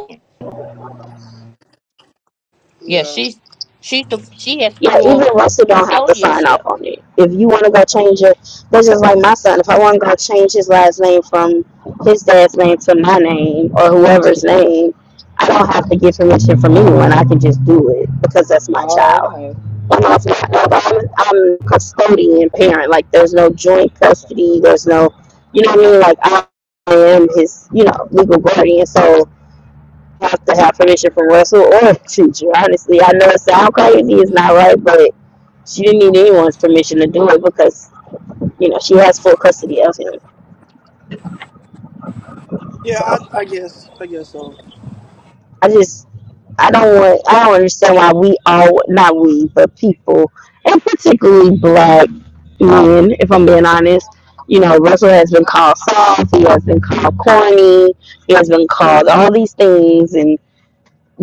Speaker 2: Yeah,
Speaker 4: Yeah.
Speaker 2: she's she's the she has
Speaker 5: Yeah, even
Speaker 2: full
Speaker 5: Russell don't have to sign
Speaker 2: custodialship.
Speaker 5: off on it. If you want to go change it, that's just like my son. If I want to go change his last name from his dad's name to my name or whoever's name, I don't have to get permission from anyone. I can just do it because that's my
Speaker 3: Oh,
Speaker 5: child.
Speaker 3: okay.
Speaker 5: I'm, also,
Speaker 3: Okay. Okay.
Speaker 5: I'm, I'm custodian parent. Like there's no joint
Speaker 3: Okay.
Speaker 5: custody. There's no, you know what I mean? Like I am his, you know, legal guardian. So have to have permission from Russell or a teacher. Honestly, I know it sounds crazy, it's not right, but she didn't need anyone's permission to do it because you know she has full custody of him.
Speaker 4: Yeah,
Speaker 5: So
Speaker 4: I, I guess. I guess so.
Speaker 5: I just I don't want I don't understand why we all not we but people and particularly black men, if I'm being honest. You know, Russell has been called soft. He has been called corny. He has been called all these things, and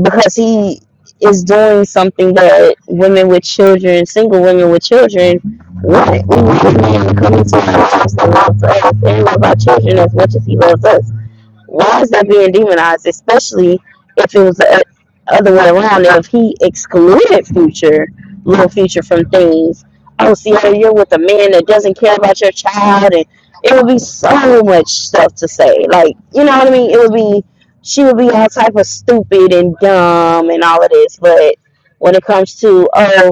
Speaker 5: because he is doing something that women with children, single women with children, want. We need a man to come into our house and love us and love our children as much as he loves us. Why is that being demonized, especially if it was the other way around? If he excluded Future, Little Future, from things, oh, see, oh, you're with a man that doesn't care about your child, and it would be so much stuff to say. Like, you know what I mean? It
Speaker 3: Mm-hmm.
Speaker 5: would be, she would be all type of stupid and
Speaker 3: Mm-hmm.
Speaker 5: dumb and all of this, but when it comes to, oh,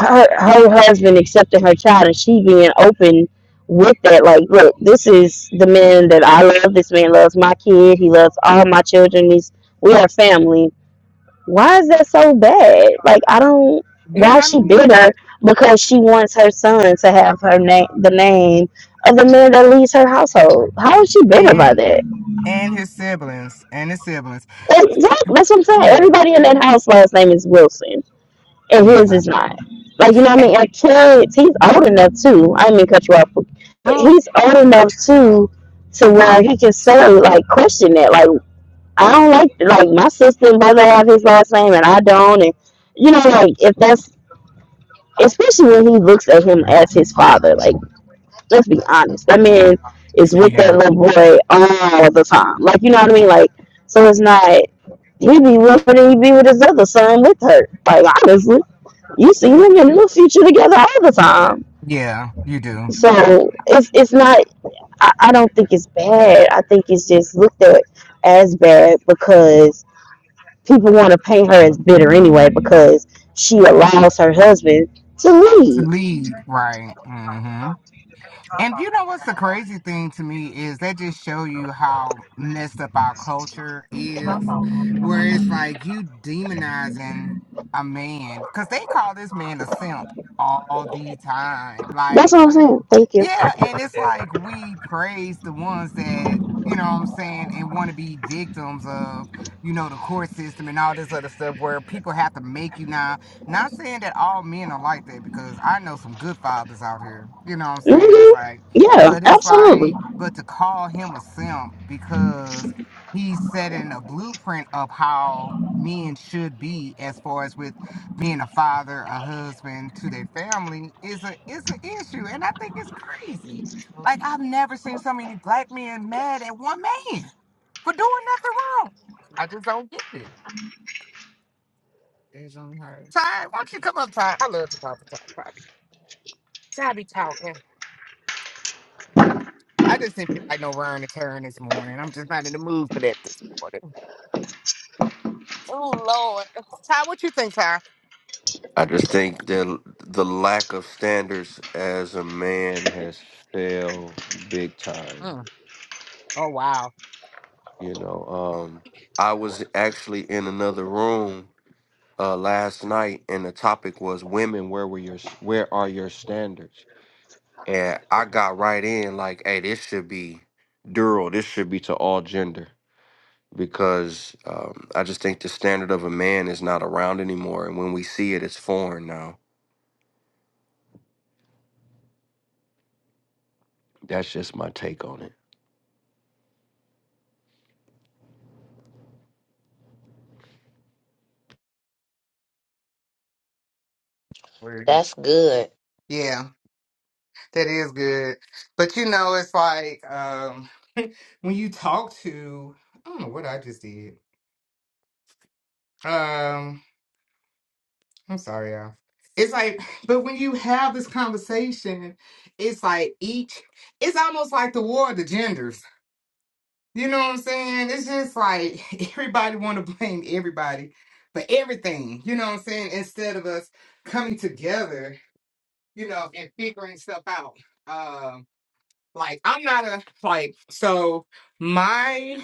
Speaker 5: her her husband accepting her child and she being open with that like look this is the man that i love this man loves my kid he loves all my children he's we are family why is that so bad like i don't
Speaker 1: Yeah.
Speaker 5: why is
Speaker 1: I
Speaker 5: she
Speaker 1: mean,
Speaker 5: bitter because she wants her son to have her name the name of the man that leads her household how is she bitter by
Speaker 1: and
Speaker 5: that
Speaker 1: and his siblings and his siblings.
Speaker 5: exactly that's what i'm saying
Speaker 1: Yeah.
Speaker 5: everybody in that house last name is wilson and his
Speaker 1: Yeah.
Speaker 5: is not. Like you know, what I mean, like kids, he's old enough too. I didn't mean to cut you off.
Speaker 1: Mm.
Speaker 5: He's old enough too to where he can say like question that. Like I don't like like my sister and brother have his last name and I don't, and you know, like if that's especially when he looks at him as his father. Like let's be honest, that man is with that
Speaker 1: Yeah.
Speaker 5: little boy all the time. Like you know what I mean, like so it's not. He would be with her and he be with his other son with her. Like honestly. You see him and Lil Future together all the time.
Speaker 1: Yeah. You do.
Speaker 5: So it's it's not. I, I don't think it's bad. I think it's just looked at as bad because people want to paint her as bitter anyway because she allows her husband to
Speaker 1: To
Speaker 5: lead.
Speaker 1: lead. Right. Mm-hmm. And you know what's the crazy thing to me is that just show you how messed up our culture is, where it's like you demonizing a man because they call this man a simp all the time.
Speaker 5: That's
Speaker 1: Like
Speaker 5: what I'm saying. Thank you.
Speaker 1: yeah, and it's like we praise the ones that, you know what I'm saying, and want to be victims of, you know, the court system and all this other stuff where people have to make you now. Not saying that all men are like that because I know some good fathers out here. You know what I'm saying? It's
Speaker 5: hmm
Speaker 1: like,
Speaker 5: Yeah,
Speaker 1: but it's
Speaker 5: absolutely.
Speaker 1: like, but to call him a simp because he's setting a blueprint of how men should be as far as with being a father, a husband to their family is a is an issue, and I think it's crazy. Like I've never seen so many black men mad at one man for doing nothing wrong. I just don't get it. There's only her. Ty, why don't you come up, Ty? I love to talk to Ty. Probably. Ty be talking. I just didn't feel like no run to turn this morning. I'm just not in the mood for that this morning. Oh Lord, Ty, what you think, Ty?
Speaker 6: I just think that the lack of standards as a man has failed big time.
Speaker 1: Mm. Oh wow.
Speaker 6: You know, um, I was actually in another room uh, last night, and the topic was women. Where were your Where are your standards? And I got right in like, hey, this should be dual. This should be to all gender because um, I just think the standard of a man is not around anymore, and when we see it, it's foreign now. That's just my take on it.
Speaker 1: Word.
Speaker 2: That's good.
Speaker 1: Yeah. That is good. But you know, it's like um when you talk to I don't know what I just did. Um I'm sorry, y'all. It's like, but when you have this conversation, it's like each it's almost like the war of the genders. You know what I'm saying? It's just like everybody wanna blame everybody for everything, you know what I'm saying? Instead of us coming together, you know, and figuring stuff out. Um, Like I'm not a like so my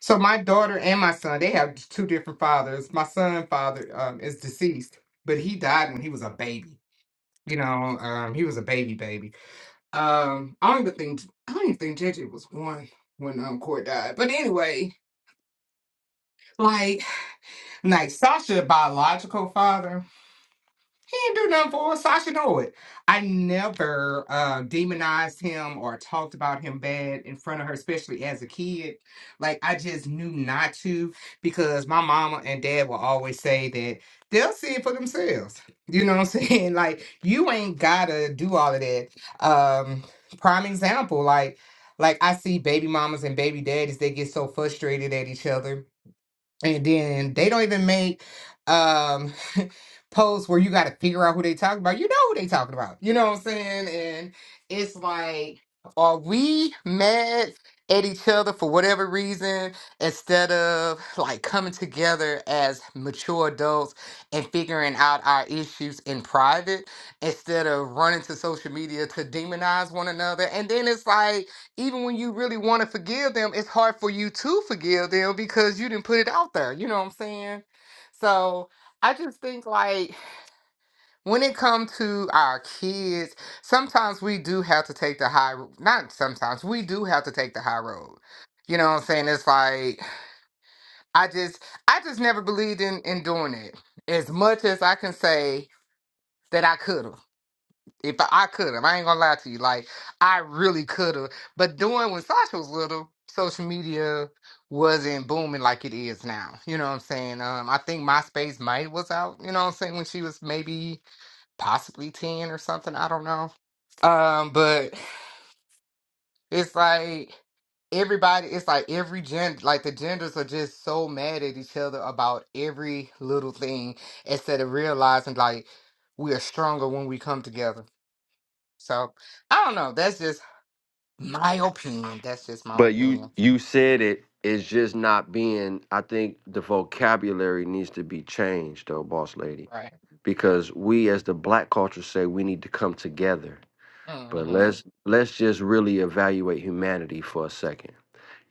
Speaker 1: so my daughter and my son they have two different fathers. My son father um is deceased, but he died when he was a baby. You know, um he was a baby baby. Um I don't even think I don't even think JJ was one when um Court died. But anyway, like like Sasha biological father. He didn't do nothing for us. Sasha know it. I never uh, demonized him or talked about him bad in front of her, especially as a kid. Like I just knew not to because my mama and dad will always say that they'll see it for themselves. You know what I'm saying? Like you ain't gotta do all of that. Um, prime example, like like I see baby mamas and baby daddies, they get so frustrated at each other and then they don't even make um posts where you got to figure out who they talking about. You know who they talking about. You know what I'm saying? And it's like, are we mad at each other for whatever reason instead of like coming together as mature adults and figuring out our issues in private instead of running to social media to demonize one another? And then it's like even when you really want to forgive them, it's hard for you to forgive them because you didn't put it out there. You know what I'm saying? So I just think like when it comes to our kids, sometimes we do have to take the high ro- not sometimes we do have to take the high road. You know what I'm saying? It's like I just I just never believed in in doing it as much as I can say that I could have. If I, I could have, I ain't gonna lie to you. Like I really could have. But doing when Sasha was little, social media wasn't booming like it is now. You know what I'm saying? Um, I think MySpace might was out. You know what I'm saying? When she was maybe possibly ten or something. I don't know. Um, but it's like everybody it's like every gen like the genders are just so mad at each other about every little thing instead of realizing like we are stronger when we come together so I don't know. That's just my opinion. That's just my
Speaker 6: But you
Speaker 1: opinion.
Speaker 6: you said it. It's just not being. I think the vocabulary needs to be changed, though, boss lady,
Speaker 1: Right.
Speaker 6: because we as the black culture say we need to come together. But
Speaker 1: Mm-hmm.
Speaker 6: let's let's just really evaluate humanity for a second.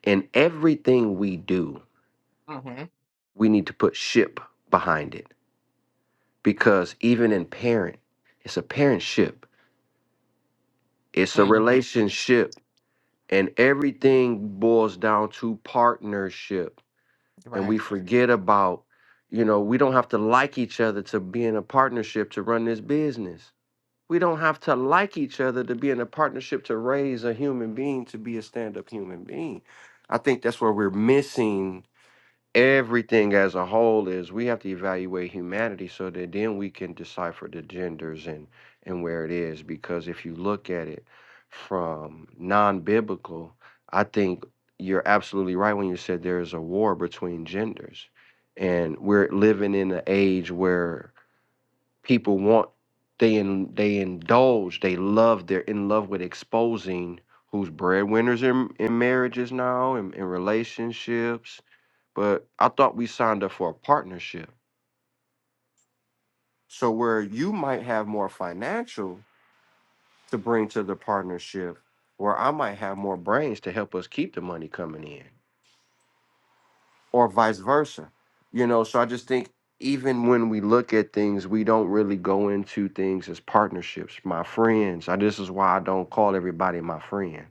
Speaker 6: In everything we do,
Speaker 1: Mm-hmm.
Speaker 6: we need to put ship behind it because even in parent, it's a parentship, it's a
Speaker 1: Mm-hmm.
Speaker 6: relationship, and everything boils down to partnership and
Speaker 1: Right.
Speaker 6: we forget about you know we don't have to like each other to be in a partnership to run this business we don't have to like each other to be in a partnership to raise a human being to be a stand-up human being i think that's where we're missing everything as a whole is we have to evaluate humanity so that then we can decipher the genders and and where it is because if you look at it from non-biblical i think you're absolutely right when you said there is a war between genders and we're living in an age where people want they in, they indulge they love they're in love with exposing who's breadwinners in, in marriages now in, in relationships but I thought we signed up for a partnership. So where you might have more financial to bring to the partnership, where I might have more brains to help us keep the money coming in, or vice versa. You know, so I just think even when we look at things, we don't really go into things as partnerships. My friends, I, this is why I don't call everybody my friend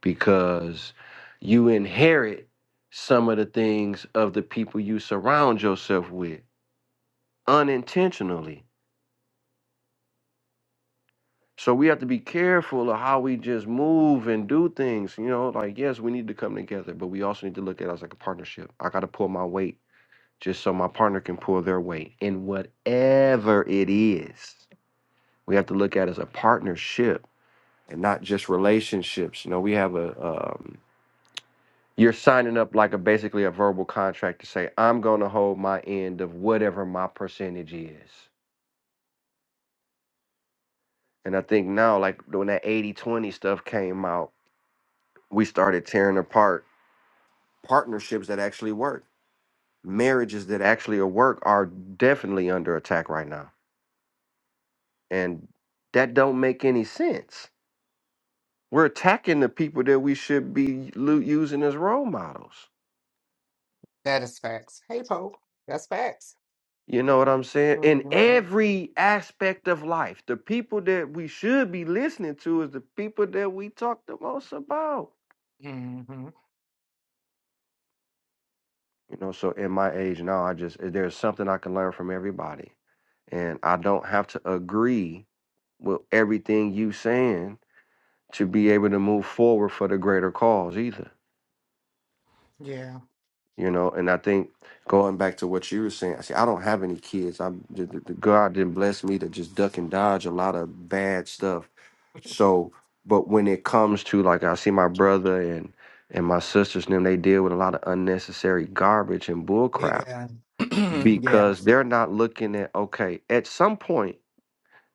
Speaker 6: because you inherit some of the things of the people you surround yourself with unintentionally So we have to be careful of how we just move and do things. You know, like yes, we need to come together, but we also need to look at it as like a partnership. I got to pull my weight just so my partner can pull their weight in whatever it is. We have to look at it as a partnership and not just relationships. You know, we have a um, you're signing up like a basically a verbal contract to say I'm going to hold my end of whatever my percentage is. And I think now, like when that eighty twenty stuff came out, we started tearing apart partnerships that actually work, marriages that actually work are definitely under attack right now. And that don't make any sense. We're attacking the people that we should be lu- using as role models.
Speaker 1: That is facts. Hey Pope. That's facts.
Speaker 6: You know what I'm saying? In
Speaker 1: Mm-hmm.
Speaker 6: every aspect of life, the people that we should be listening to is the people that we talk the most about.
Speaker 1: Mm-hmm.
Speaker 6: You know, so in my age now, I just eh, there's something I can learn from everybody, and I don't have to agree with everything you saying to be able to move forward for the greater cause either.
Speaker 1: Yeah.
Speaker 6: You know, and I think going back to what you were saying, see, I don't have any kids. I'm the, the, the God didn't bless me to just duck and dodge a lot of bad stuff. So, but when it comes to like I see my brother and and my sisters and them, they deal with a lot of unnecessary garbage and bullcrap
Speaker 1: Yeah. yeah.
Speaker 6: because they're not looking at okay. At some point,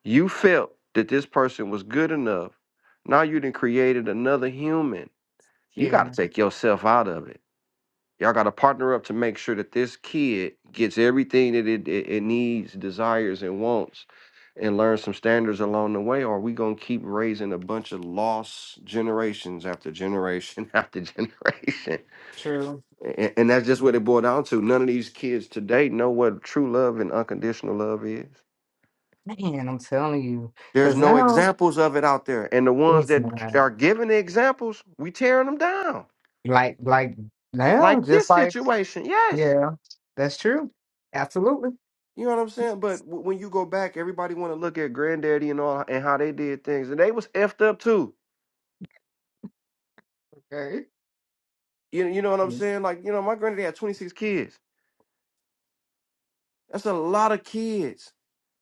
Speaker 6: you felt that this person was good enough. Now you done created another human you
Speaker 1: Yeah.
Speaker 6: got to take yourself out of it. Y'all got to partner up to make sure that this kid gets everything that it, it, it needs, desires, and wants, and learn some standards along the way. Or we gonna keep raising a bunch of lost generations after generation after generation.
Speaker 1: True.
Speaker 6: And, and that's just what it boiled down to. None of these kids today know what true love and unconditional love is.
Speaker 1: Man, I'm telling you.
Speaker 6: There's
Speaker 1: Cause
Speaker 6: no
Speaker 1: now
Speaker 6: examples of it out there, and the ones
Speaker 1: it's
Speaker 6: that
Speaker 1: not
Speaker 6: are giving the examples, we tearing them down.
Speaker 1: like like now,
Speaker 6: Like this
Speaker 1: just like
Speaker 6: situation, yes.
Speaker 1: yeah. That's true. Absolutely.
Speaker 6: You know what I'm saying? But w- when you go back, everybody want to look at granddaddy and all and how they did things, and they was effed up too.
Speaker 1: Okay.
Speaker 6: You you know what I'm saying? Like you know, my granddaddy had 26 kids. That's a lot of kids,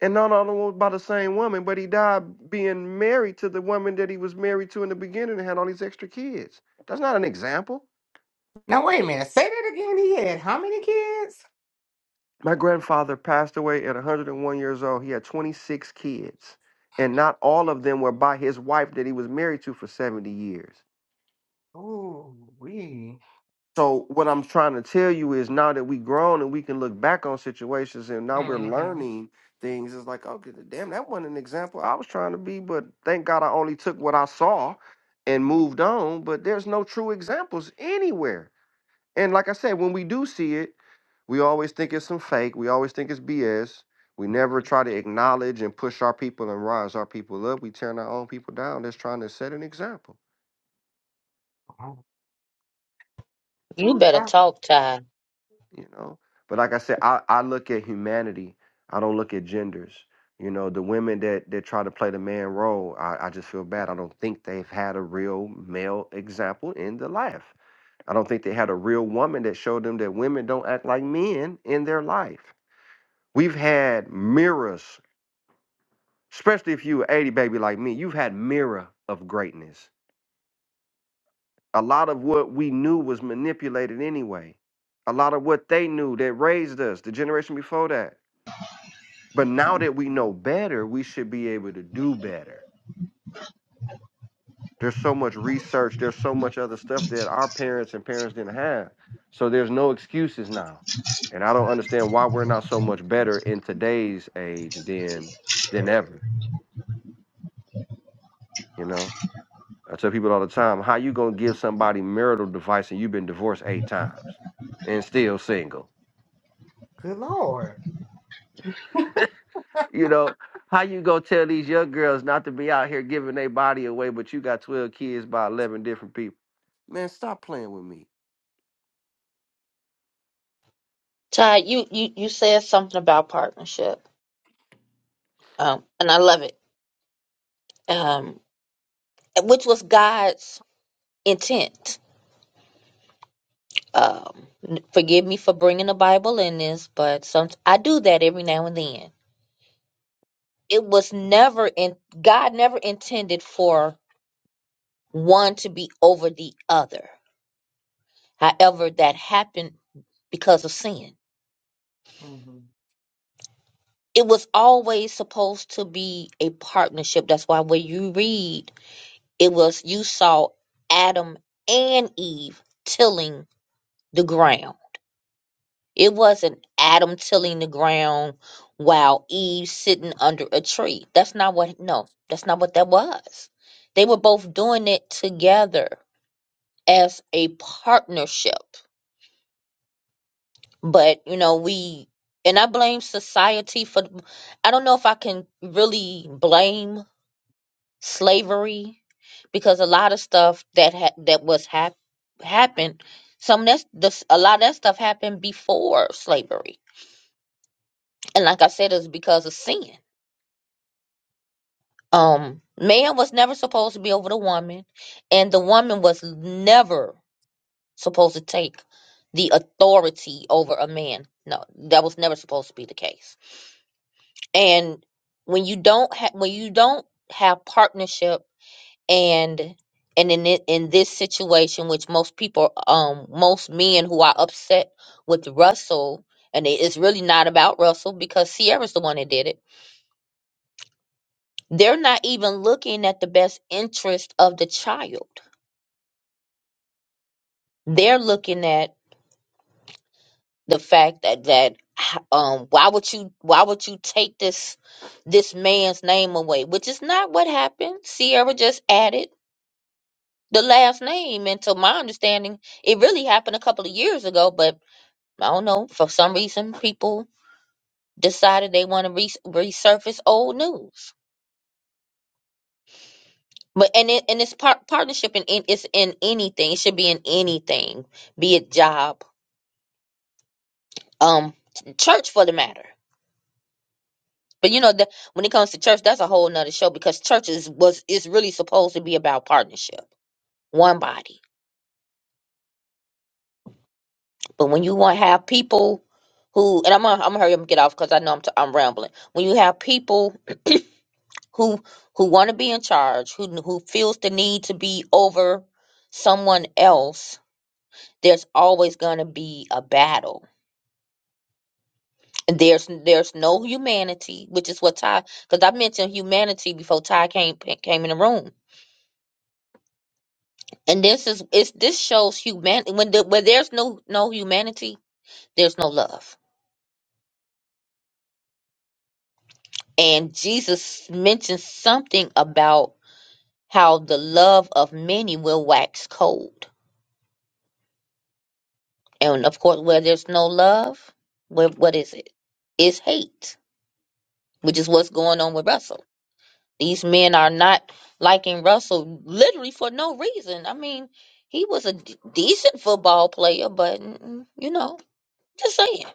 Speaker 6: and not all of them was by the same woman. But he died being married to the woman that he was married to in the beginning and had all these extra kids. That's not an example.
Speaker 1: Now wait a minute. Say that again. He had how many kids?
Speaker 6: My grandfather passed away at 101 years old. He had 26 kids, and not all of them were by his wife that he was married to for 70 years.
Speaker 1: Oh, we.
Speaker 6: So what I'm trying to tell you is now that we grown and we can look back on situations and now we're
Speaker 1: hmm
Speaker 6: learning things, it's like, okay, damn, that wasn't an example I was trying to be, but thank God I only took what I saw and moved on. But there's no true examples anywhere. And like I said, when we do see it, we always think it's some fake. We always think it's BS. We never try to acknowledge and push our people and rise our people up. We tearing our own people down. That's trying to set an example.
Speaker 2: You
Speaker 1: Ooh,
Speaker 2: better
Speaker 1: wow,
Speaker 2: talk, Ty.
Speaker 6: you know but like i said i, I look at humanity i don't look at genders you know the women that that try to play the man role I, I just feel bad i don't think they've had a real male example in their life i don't think they had a real woman that showed them that women don't act like men in their life we've had mirrors especially if you were 80 baby like me you've had mirror of greatness a lot of what we knew was manipulated anyway a lot of what they knew that raised us the generation before that But now that we know better, we should be able to do better. There's so much research, there's so much other stuff that our parents and parents didn't have. So there's no excuses now. And I don't understand why we're not so much better in today's age than than ever, you know? I tell people all the time, how you gonna give somebody marital advice and you've been divorced eight times and still single?
Speaker 1: good Lord.
Speaker 6: you know, how you gonna tell these young girls not to be out here giving their body away, but you got twelve kids by eleven different people? Man, stop playing with me.
Speaker 2: Ty, you you you said something about partnership, um, and I love it. Um, which was God's intent. Um, n- forgive me for bringing the Bible in this, but some I do that every now and then. It was never in God never intended for one to be over the other. However, that happened because of sin.
Speaker 1: hmm
Speaker 2: It was always supposed to be a partnership. That's why when you read, it was you saw Adam and Eve tilling the ground It wasn't Adam tilling the ground while Eve sitting under a tree. That's not what, no, that's not what that was. They were both doing it together as a partnership. But, you know, we, and I blame society for, I don't know if I can really blame slavery because a lot of stuff that ha- that was hap- happened, some of that's, this, a lot of that stuff happened before slavery. And like I said, it's because of sin um man was never supposed to be over the woman and the woman was never supposed to take the authority over a man no that was never supposed to be the case and when you don't have when you don't have partnership and and in it, in this situation which most people um most men who are upset with Russell and it- it's really not about Russell because Sierra's the one that did it they're not even looking at the best interest of the child they're looking at the fact that that um why would you why would you take this this man's name away which is not what happened sierra just added the last name and to my understanding it really happened a couple of years ago but i don't know for some reason people decided they want to re- resurface old news but and it and it's par- partnership in, in it's in anything it should be in anything be it job um church for the matter But you know that when it comes to church, that's a whole nother show because churches was is really supposed to be about partnership, one body. But when you want to have people who, and I'm gonna, I'm gonna hurry up and get off because I know I'm t- I'm rambling. When you have people who who want to be in charge, who who feels the need to be over someone else, there's always gonna be a battle. And There's there's no humanity, which is what Ty because I mentioned humanity before Ty came came in the room And this is it's this shows humanity when the, when there's no no humanity, there's no love. And Jesus mentions something about how the love of many will wax cold. And of course, where there's no love, what what is it? It's hate, which is what's going on with Russell. These men are not liking Russell literally for no reason. I mean, he was a d- decent football player, but mm, you know, just saying,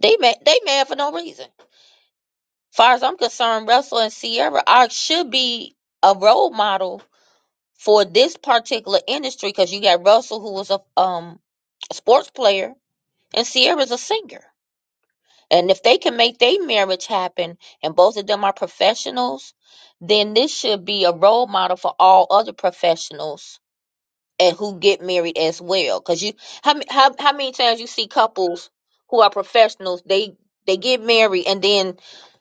Speaker 2: they mad, they mad for no reason. far as I'm concerned, Russell and Sierra are should be a role model for this particular industry because you got Russell who was a um sports player and Sierra's a singer. And if they can make their marriage happen and both of them are professionals, then this should be a role model for all other professionals and who get married as well. Cause you how ma- how how many times you see couples who are professionals, they they get married and then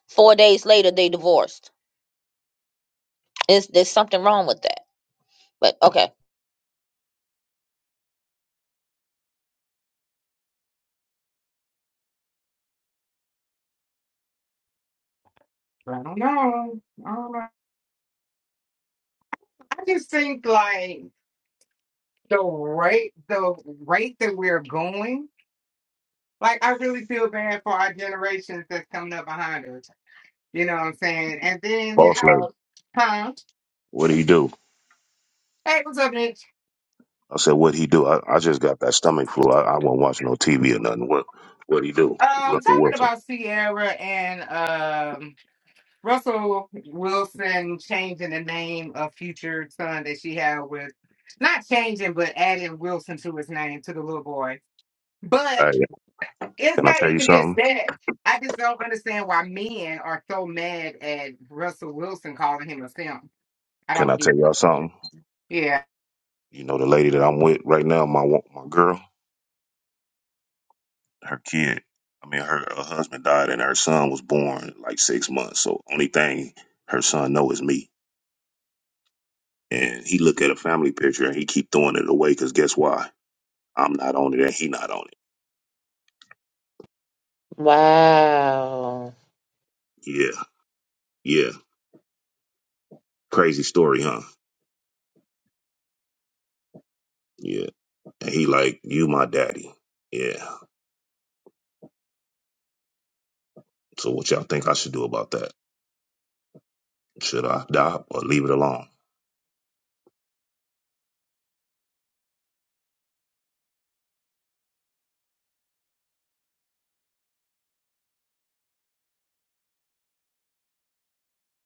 Speaker 2: four days later they divorced Is there's something wrong with that? But okay.
Speaker 1: I don't know. I don't know. I just think like the rate, the rate that we're going. Like I really feel bad for our generations that's coming up behind us. You know what I'm saying? And then you
Speaker 7: Boss like,
Speaker 1: know, huh?
Speaker 7: what he do?
Speaker 1: Hey, what's up, Mitch?
Speaker 7: I said, what he do? I, I just got that stomach flu. I, I won't watch no TV or nothing. What what he do?
Speaker 1: Um,
Speaker 7: Russell
Speaker 1: talking
Speaker 7: Wilson.
Speaker 1: about Sierra and um. Russell Wilson changing the name of future son that she had with not changing but adding Wilson to his name to the little boy. But
Speaker 7: Hey,
Speaker 1: it's
Speaker 7: can I
Speaker 1: not
Speaker 7: tell you
Speaker 1: even just
Speaker 7: something?
Speaker 1: that. I just don't understand why men are so mad at Russell Wilson calling him a simp. I
Speaker 7: Can
Speaker 1: don't
Speaker 7: I
Speaker 1: get
Speaker 7: tell y'all
Speaker 1: it.
Speaker 7: something?
Speaker 1: Yeah.
Speaker 7: You know the lady that I'm with right now, my wo- my girl, her kid. I mean, her, her husband died and her son was born like six months. So only thing her son know is me. And he look at a family picture and he keep throwing it away because guess why? I'm not on it and he not on it.
Speaker 2: Wow.
Speaker 7: Yeah, yeah. Crazy story, huh? Yeah. And he like, you my daddy. Yeah. So what y'all think I should do about that? Should I die or leave it alone?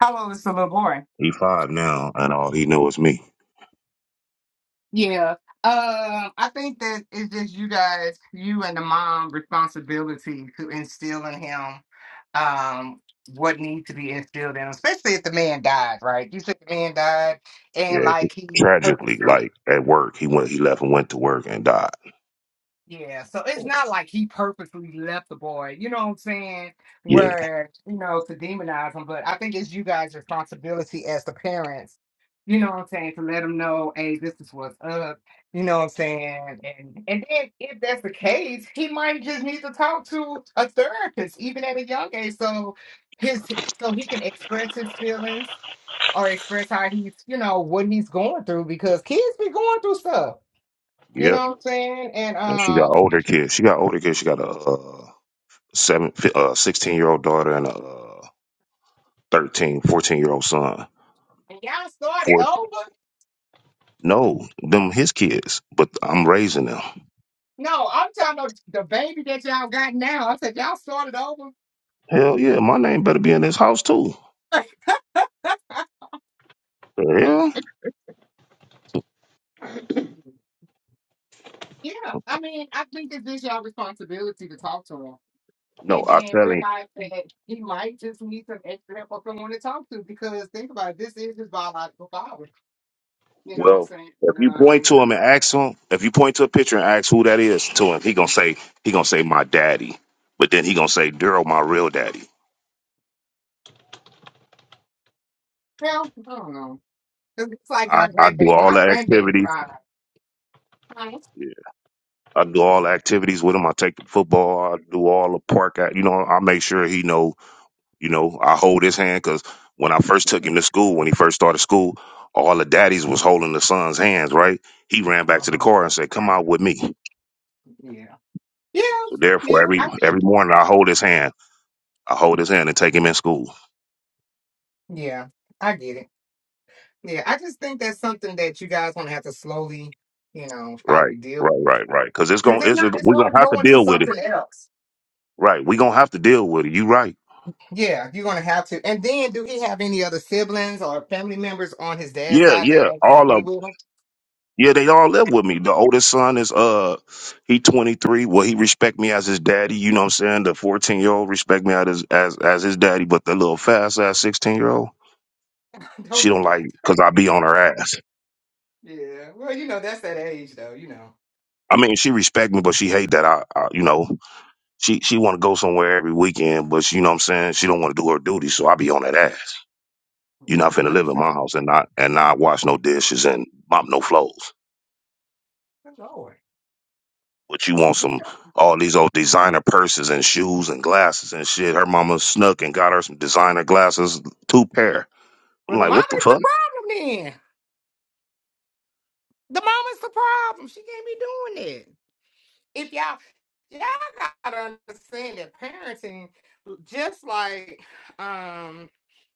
Speaker 1: How old is the little boy?
Speaker 7: He five now, and all he know is me.
Speaker 1: Yeah. Um, I think that it's just you guys, you and the mom responsibility to instill in him um what needs to be instilled in him, especially if the man died, right? You said the man died and
Speaker 7: Yeah,
Speaker 1: like he
Speaker 7: tragically,
Speaker 1: purposely
Speaker 7: like at work, he went, he left and went to work and died.
Speaker 1: Yeah, so it's not like he purposely left the boy, you know what I'm saying?
Speaker 7: Yeah,
Speaker 1: Where, you know, to demonize him, but I think it's you guys' responsibility as the parents, you know what I'm saying, to let him know, hey, this is what's up, you know what I'm saying? And and then if that's the case, he might just need to talk to a therapist, even at a young age, so his so he can express his feelings or express how he's, you know, what he's going through because kids be going through stuff. You
Speaker 7: yep.
Speaker 1: know what I'm saying? And
Speaker 7: And she got
Speaker 1: um
Speaker 7: older kids. She got older kids. She got a uh, seven, fi- uh, sixteen year old daughter and a uh, 13, fourteen year old son.
Speaker 1: And y'all started
Speaker 7: Four,
Speaker 1: over?
Speaker 7: no, them his kids, but I'm raising them.
Speaker 1: No, I'm talking about the baby that y'all got now. I said, y'all started over?
Speaker 7: Hell yeah, my name better be in this house too. The hell?
Speaker 1: yeah. I mean, I think it's just y'all responsibility to talk to him.
Speaker 7: No,
Speaker 1: And
Speaker 7: I
Speaker 1: then
Speaker 7: tell him.
Speaker 1: realize that he might just need some extra help or someone to talk to because think about it, this is his biological father. You know what I'm
Speaker 7: Well,
Speaker 1: saying?
Speaker 7: if
Speaker 1: And,
Speaker 7: you point
Speaker 1: um,
Speaker 7: to him and ask him, if you point to a picture and ask who that is to him, he gonna say he gonna say my daddy, but then he gonna say Daryl, my real daddy.
Speaker 1: well, I don't know. 'Cause It's like
Speaker 7: I,
Speaker 1: my
Speaker 7: I do
Speaker 1: grandbaby.
Speaker 7: all
Speaker 1: My
Speaker 7: the
Speaker 1: grandbaby
Speaker 7: activities.
Speaker 1: died.
Speaker 7: Yeah. I do all the activities with him. I take the football. I do all the park. act- You know, I make sure he know. You know, I hold his hand because when I first took him to school, when he first started school, all the daddies was holding the son's hands. Right? He ran back to the
Speaker 1: Um,
Speaker 7: car and said, "Come out with me."
Speaker 1: yeah. Yeah.
Speaker 7: So therefore,
Speaker 1: Yeah.
Speaker 7: every
Speaker 1: I, get
Speaker 7: every morning I hold his hand. I hold his hand and take him in school.
Speaker 1: yeah. I get it. Yeah, I just think that's something that you guys gonna have to slowly, you know,
Speaker 7: Right,
Speaker 1: probably deal
Speaker 7: right,
Speaker 1: with.
Speaker 7: right, right. Because it's gonna,
Speaker 1: Because if
Speaker 7: it's
Speaker 1: not, it's
Speaker 7: we're gonna
Speaker 1: gonna
Speaker 7: have to
Speaker 1: go into
Speaker 7: deal with it.
Speaker 1: something else.
Speaker 7: Right, we're gonna have to deal with it. You right.
Speaker 1: Yeah, you're gonna have to. And then, do he have any other siblings or family members on his dad's
Speaker 7: Yeah,
Speaker 1: side that
Speaker 7: yeah.
Speaker 1: actually
Speaker 7: All of
Speaker 1: deal
Speaker 7: 'em.
Speaker 1: with him?
Speaker 7: Yeah, they all live with me. The oldest son is uh, he twenty three. Well, he respect me as his daddy. You know what I'm saying? The fourteen year old respect me as his, as as his daddy, but the little fast ass sixteen year old, she
Speaker 1: Don't do
Speaker 7: don't like
Speaker 1: that.
Speaker 7: because I be on her ass.
Speaker 1: Yeah. Well, you know, that's that age, though. You know.
Speaker 7: I mean, she respect me, but she hate that I, I you know, she she want to go somewhere every weekend, but she, you know what I'm saying? She don't want to do her duty, so I be on that ass. You're not
Speaker 1: Yeah,
Speaker 7: finna live in
Speaker 1: understand.
Speaker 7: my house and not and not wash no dishes and mop no floors.
Speaker 1: Good Lord.
Speaker 7: But you want
Speaker 1: Okay.
Speaker 7: some all these old designer purses and shoes and glasses and shit. Her mama snuck and got her some designer glasses, two pair.
Speaker 1: Well,
Speaker 7: I'm
Speaker 1: the
Speaker 7: like,
Speaker 1: mama
Speaker 7: what the
Speaker 1: is the
Speaker 7: fuck?
Speaker 1: problem then. The mama's the problem. She can't be doing that. if y'all y'all gotta understand that parenting, just like um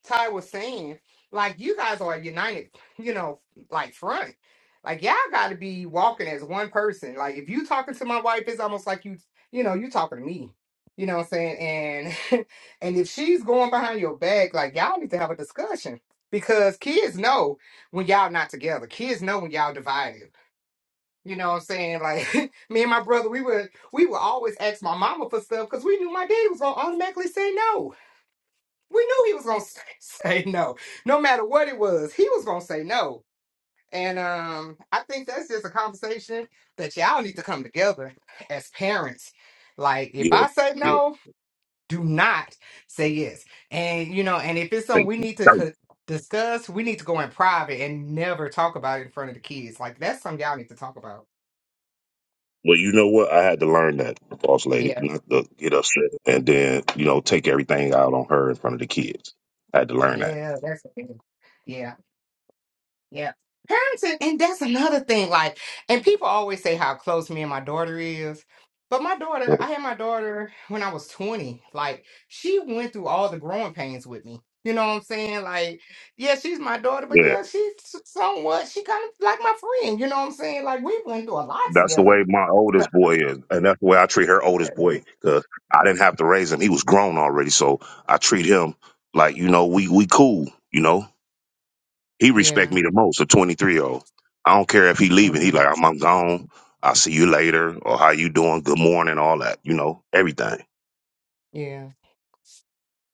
Speaker 1: Ty was saying, like you guys are a united, you know, like front. Like y'all gotta be walking as one person. Like if you talking to my wife, it's almost like you you know, you talking to me. You know what I'm saying? And and if she's going behind your back, like y'all need to have a discussion. Because kids know when y'all not together. Kids know when y'all divided you know what I'm saying? Like me and my brother, we would we would always ask my mama for stuff because we knew my daddy was gonna automatically say no. We knew he was gonna say, say no. No matter what it was, he was gonna say no. And um, I think that's just a conversation that y'all need to come together as parents. Like if
Speaker 7: Yeah,
Speaker 1: I say
Speaker 7: yeah,
Speaker 1: no, do not say yes. And you know, and if it's something
Speaker 7: thank
Speaker 1: we
Speaker 7: you.
Speaker 1: need to
Speaker 7: Thank you.
Speaker 1: co- discuss, we need to go in private and never talk about it in front of the kids. Like that's something y'all need to talk about.
Speaker 7: Well, you know what? I had to learn that, boss lady, not to get upset and then, you know, take everything out on her in front of the kids. I had to learn that.
Speaker 1: Yeah, that's the thing. Yeah, yeah. Parents, and, that's another thing. Like, and people always say how close me and my daughter is. But my daughter,
Speaker 7: So,
Speaker 1: I had my daughter when I was 20. Like, she went through all the growing pains with me. You know what I'm saying? Like, yeah, she's my daughter, but
Speaker 7: Yeah.
Speaker 1: yeah, she's somewhat, she kind of like my friend. You know what I'm saying? Like, we went through a lot
Speaker 7: That's the
Speaker 1: together.
Speaker 7: way my
Speaker 1: So,
Speaker 7: oldest boy is, and that's the way I treat her oldest boy. Cause I didn't have to raise him; he was grown already, so I treat him like you know we we cool. You know, he respect
Speaker 1: yeah.
Speaker 7: me the most. A twenty three year old. I don't care if he leaving. He
Speaker 1: mhm,
Speaker 7: like I'm, I'm gone. I'll see you later, or how you doing? Good morning, all that. You know, everything.
Speaker 1: Yeah.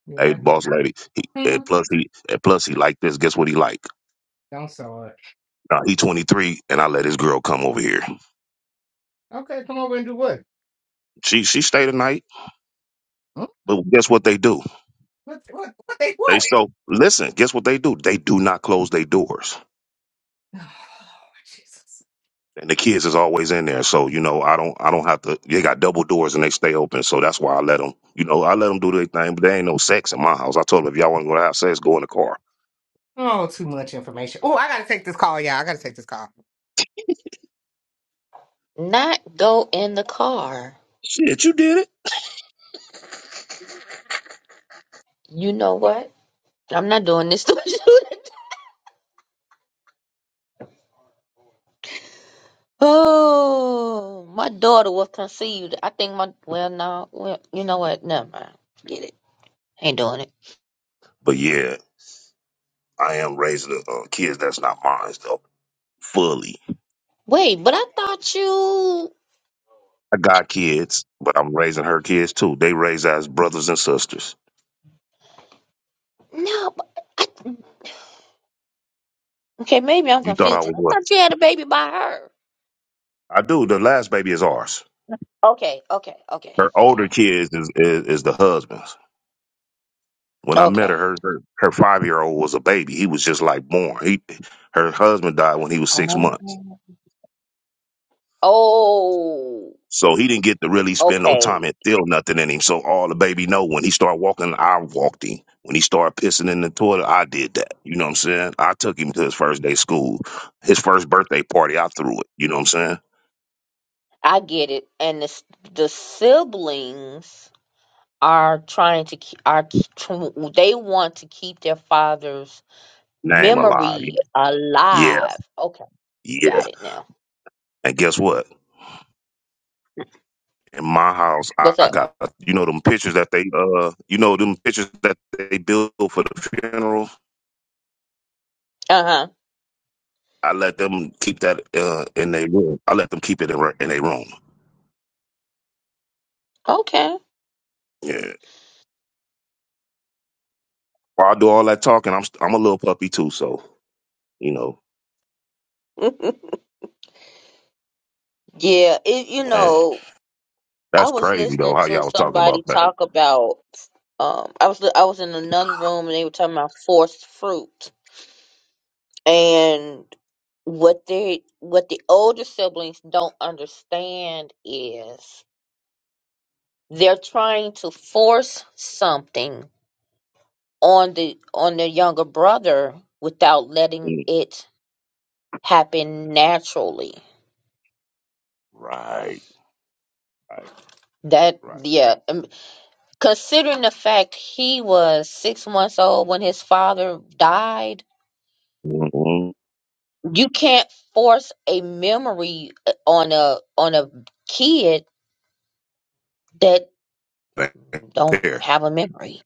Speaker 1: Yeah,
Speaker 7: Hey,
Speaker 1: I do.
Speaker 7: boss lady. He,
Speaker 1: Mhm.
Speaker 7: and plus he and plus he like this. Guess what he like?
Speaker 1: Don't saw it.
Speaker 7: Now he twenty three, and I let his girl come over here.
Speaker 1: Okay, come over and do what?
Speaker 7: She she stay the night,
Speaker 1: Hmm?
Speaker 7: but guess what they do?
Speaker 1: What, what, what they
Speaker 7: They
Speaker 1: what?
Speaker 7: so listen. Guess what they do? They do not close their doors, and the kids is always in there. So you know, I don't, I don't have to. They got double doors and they stay open. So that's why I let them. You know, I let them do their thing, but there ain't no sex in my house. I told them if y'all want to go to have sex, go in the car.
Speaker 1: Oh, too much information. Oh, I gotta take this call, y'all. I gotta take this call.
Speaker 2: Not go in the car.
Speaker 7: Shit, you did it.
Speaker 2: You know what? I'm not doing this to you. Oh, my daughter was conceived. I think my, well, no, well, you know what? Never mind. Forget it. Ain't doing it.
Speaker 7: But yeah, I am raising the uh, kids that's not mine though fully.
Speaker 2: Wait, but I thought you,
Speaker 7: I got kids, but I'm raising her kids too. They raise as brothers and sisters.
Speaker 2: no, but I, okay, maybe I'm
Speaker 7: You thought I
Speaker 2: confused 'cause
Speaker 7: was
Speaker 2: I
Speaker 7: what?
Speaker 2: thought you had a baby by her.
Speaker 7: I do. The last baby is ours.
Speaker 2: Okay, okay, okay,
Speaker 7: Her
Speaker 2: okay,
Speaker 7: older kids is is, is the husband's. When I met her,
Speaker 2: okay.
Speaker 7: her her her five year old was a baby. He was just like born. He her husband died when he was six
Speaker 2: Oh,
Speaker 7: months,
Speaker 2: oh,
Speaker 7: so he didn't get to really spend no
Speaker 2: okay.
Speaker 7: time and feel nothing in him. So all the baby know when he started walking, I walked him. When he started pissing in the toilet, I did that. You know what I'm saying? I took him to his first day school, his first birthday party. I threw it. You know what I'm saying?
Speaker 2: I get it. And the s- the siblings are trying to keep are k- tr- they want to keep their father's
Speaker 7: Name alive.
Speaker 2: memory
Speaker 7: Yeah, yeah.
Speaker 2: alive. Okay,
Speaker 7: yeah.
Speaker 2: got it now.
Speaker 7: And guess what? In my house, I
Speaker 2: What's
Speaker 7: I
Speaker 2: up?
Speaker 7: got you know them pictures that they uh you know them pictures that they build for the funeral
Speaker 2: Uh huh.
Speaker 7: I let them keep that uh, in their room. I let them keep it in, re- in their room.
Speaker 2: Okay.
Speaker 7: Yeah. While I do all that talking, I'm st- I'm a little puppy too. So you know,
Speaker 2: yeah. It. You
Speaker 7: man,
Speaker 2: know. I
Speaker 7: that's
Speaker 2: was
Speaker 7: crazy though.
Speaker 2: listening
Speaker 7: How
Speaker 2: to
Speaker 7: y'all was talking
Speaker 2: somebody
Speaker 7: about that?
Speaker 2: talk about. Um. I was. li- I was in another room and they were talking about forced fruit and what they what the older siblings don't understand is they're trying to force something on the on the younger brother without letting
Speaker 7: Mm.
Speaker 2: it happen naturally
Speaker 7: Right, right,
Speaker 2: that
Speaker 7: right.
Speaker 2: yeah um, considering the fact he was six months old when his father died
Speaker 7: Mhm.
Speaker 2: you can't force a memory uh, on a on a kid that
Speaker 7: Right
Speaker 2: don't
Speaker 7: There,
Speaker 2: have a memory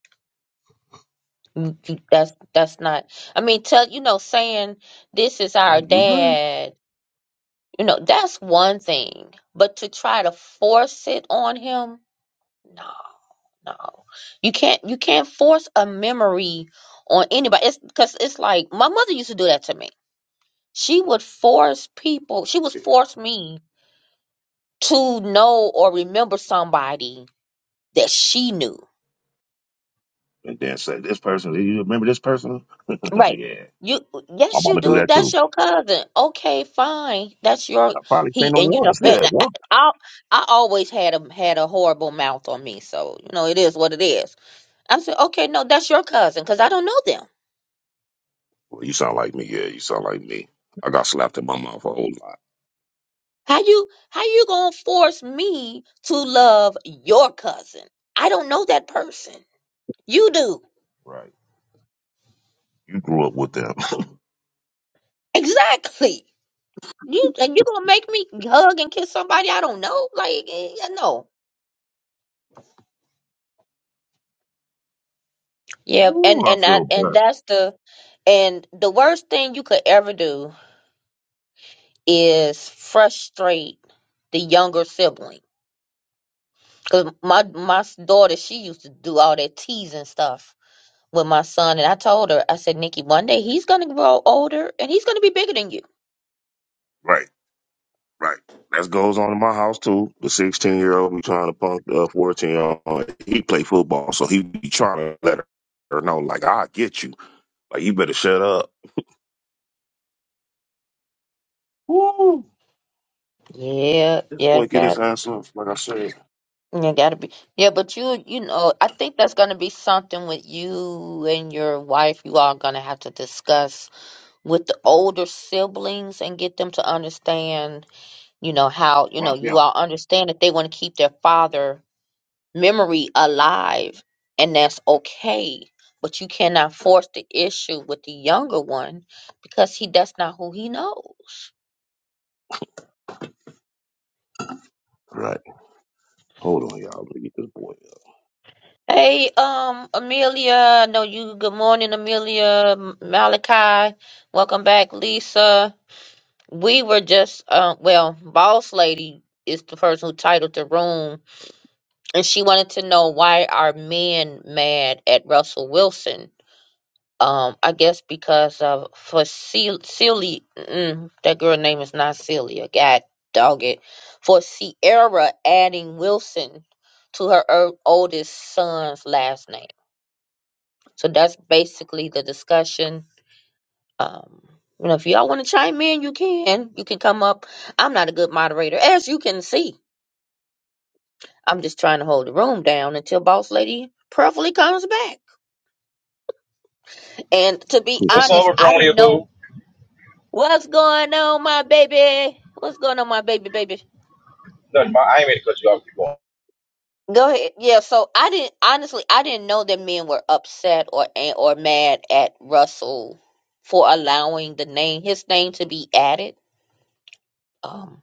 Speaker 2: You- you- that's that's not i mean tell you know saying this is our
Speaker 7: right. You right.
Speaker 2: dad You know, that's one thing. But to try to force it on him, no, no. You can't you can't force a memory on anybody. It's because it's like my mother used to do that to me. She would force people, she would
Speaker 7: Yeah.
Speaker 2: force me to know or remember somebody that she knew.
Speaker 7: And then say this person. Do you remember this person?
Speaker 2: Right.
Speaker 7: yeah.
Speaker 2: You
Speaker 7: My
Speaker 2: yes you
Speaker 7: mama do
Speaker 2: do.
Speaker 7: that
Speaker 2: That's
Speaker 7: too.
Speaker 2: your cousin. Okay, fine. That's your
Speaker 7: I probably seen
Speaker 2: he
Speaker 7: them
Speaker 2: and you know
Speaker 7: once.
Speaker 2: and
Speaker 7: Yeah,
Speaker 2: I, I I always had a had a horrible mouth on me, so you know it is what it is. I said, "Okay, no, that's your cousin cuz I don't know them.
Speaker 7: Well, you sound like me. Yeah, you sound like me. I got slapped in my mouth a whole lot.
Speaker 2: How you how you going to force me to love your cousin? I don't know that person. You do.
Speaker 7: Right. You grew up with them.
Speaker 2: Exactly. You and you going to make me hug and kiss somebody I don't know? Like eh, no. Yep, and
Speaker 7: Ooh, I
Speaker 2: and I,
Speaker 7: feel
Speaker 2: and
Speaker 7: bad.
Speaker 2: that's the and the worst thing you could ever do is frustrate the younger sibling. Cause my my s- daughter, she used to do all that teasing stuff with my son, and I told her, I said, Nikki, one day he's gonna grow older and he's gonna be bigger than you.
Speaker 7: Right, right. That goes on in my house too. The 16 year old be trying to punk the 14 year old. He play football, so he be trying to let her know, like, I get you. Like, you better shut up. Woo!
Speaker 2: Yeah,
Speaker 7: This
Speaker 2: yeah,
Speaker 7: boy get his
Speaker 2: got
Speaker 7: ass up, like I said.
Speaker 2: you gotta be yeah, but you you know, I think that's gonna be something with you and your wife. You all gonna have to discuss with the older siblings and get them to understand, you know, how, you know,
Speaker 7: Rock
Speaker 2: you
Speaker 7: out.
Speaker 2: all understand that they want to keep their father memory alive and that's okay. But you cannot force the issue with the younger one because he that's not who he knows.
Speaker 7: Right. Hold on, y'all. Let me get this boy
Speaker 2: Hey, um, Amelia, I know you. Good morning, Amelia, M- Malachi. Welcome back, Lisa. We were just, uh, well, boss lady is the person who titled the room and she wanted to know why are men mad at Russell Wilson? Um, I guess because of for Celia, mm, that girl name is not Celia. God dog it. For Sierra adding Wilson to her er- oldest son's last name. So that's basically the discussion. Um, you know, if y'all want to chime in, you can. You can come up. I'm not a good moderator, as you can see. I'm just trying to hold the room down until Boss Lady prayerfully comes back. And to be
Speaker 7: up.
Speaker 8: What's
Speaker 2: honest,
Speaker 8: over,
Speaker 2: I didn't
Speaker 8: Bronya
Speaker 2: know
Speaker 8: Boo?
Speaker 2: what's going on, my baby. What's going on, my baby, baby?
Speaker 8: Nothing. My, I ain't mean to cut you off. Keep going.
Speaker 2: Go ahead. Yeah. So I didn't honestly, I didn't know that men were upset or an- or mad at Russell for allowing the name his name to be added. Um,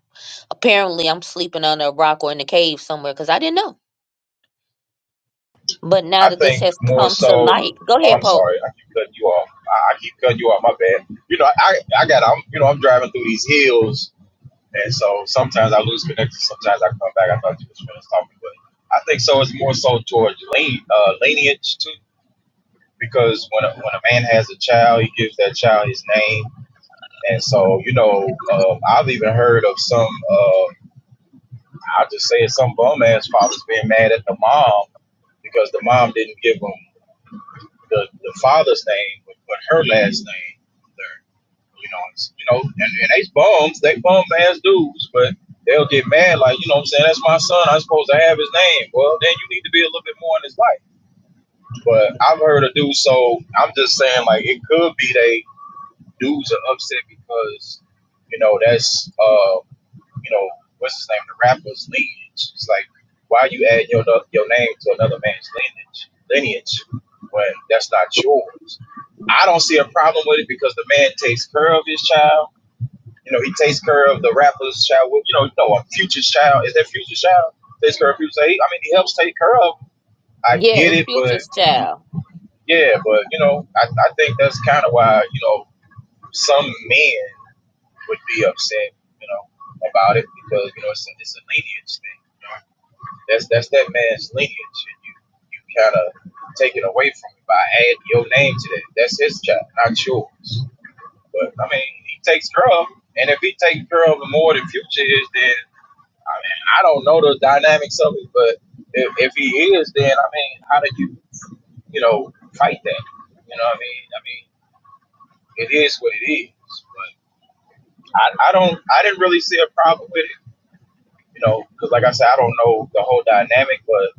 Speaker 2: apparently, I'm sleeping under a rock or in a cave somewhere because I didn't know. But now
Speaker 8: I
Speaker 2: that this
Speaker 8: think
Speaker 2: has
Speaker 8: more
Speaker 2: come to
Speaker 8: so.
Speaker 2: light, go
Speaker 8: Oh,
Speaker 2: ahead,
Speaker 8: I'm
Speaker 2: Pope.
Speaker 8: sorry. I keep cutting you off. I, I keep cutting you off. My bad. You know, I I got. I'm you know I'm driving through these hills, and so sometimes I lose connection. Sometimes I come back. I thought you was finished talking, but I think so. It's more so towards lean, uh, lineage too, because when a, when a man has a child, he gives that child his name, and so you know um, I've even heard of some. Uh, I just say it's some bum ass father's being mad at the mom because the mom didn't give him the, the father's name but, but her last name. you know, it's, you know, and, and they bums, they bum ass dudes, but they'll get mad like you know what I'm saying. That's my son. I'm supposed to have his name. Well, then you need to be a little bit more in his life. But I've heard of dudes, so I'm just saying like it could be they dudes are upset because you know that's uh you know, what's his name, the rapper's lineage. It's like, why you add your no, your name to another man's lineage lineage when that's not yours? I don't see a problem with it because the man takes care of his child. You know, he takes care of the rapper's child. Well, You know, you know, a future's child is that future child. Takes care of future. I mean, he helps take care of. I
Speaker 2: Yeah,
Speaker 8: get
Speaker 2: it's
Speaker 8: it, but
Speaker 2: Future's child.
Speaker 8: yeah, but you know, I, I think that's kind of why you know some men would be upset, you know, about it because you know it's a, it's a lineage thing. You know, That's that's that man's lineage, and you you kind of take it away from him by adding your name to that. That's his child, not yours. But I mean, he takes care of, 'em, and if he takes care of him more than Future is, then I mean, I don't know the dynamics of it, but if, if he is, then I mean, how do you you know fight that? You know, what I mean, I mean, it is what it is. But I, I don't, I didn't really see a problem with it. You know, because like I said, I don't know the whole dynamic, but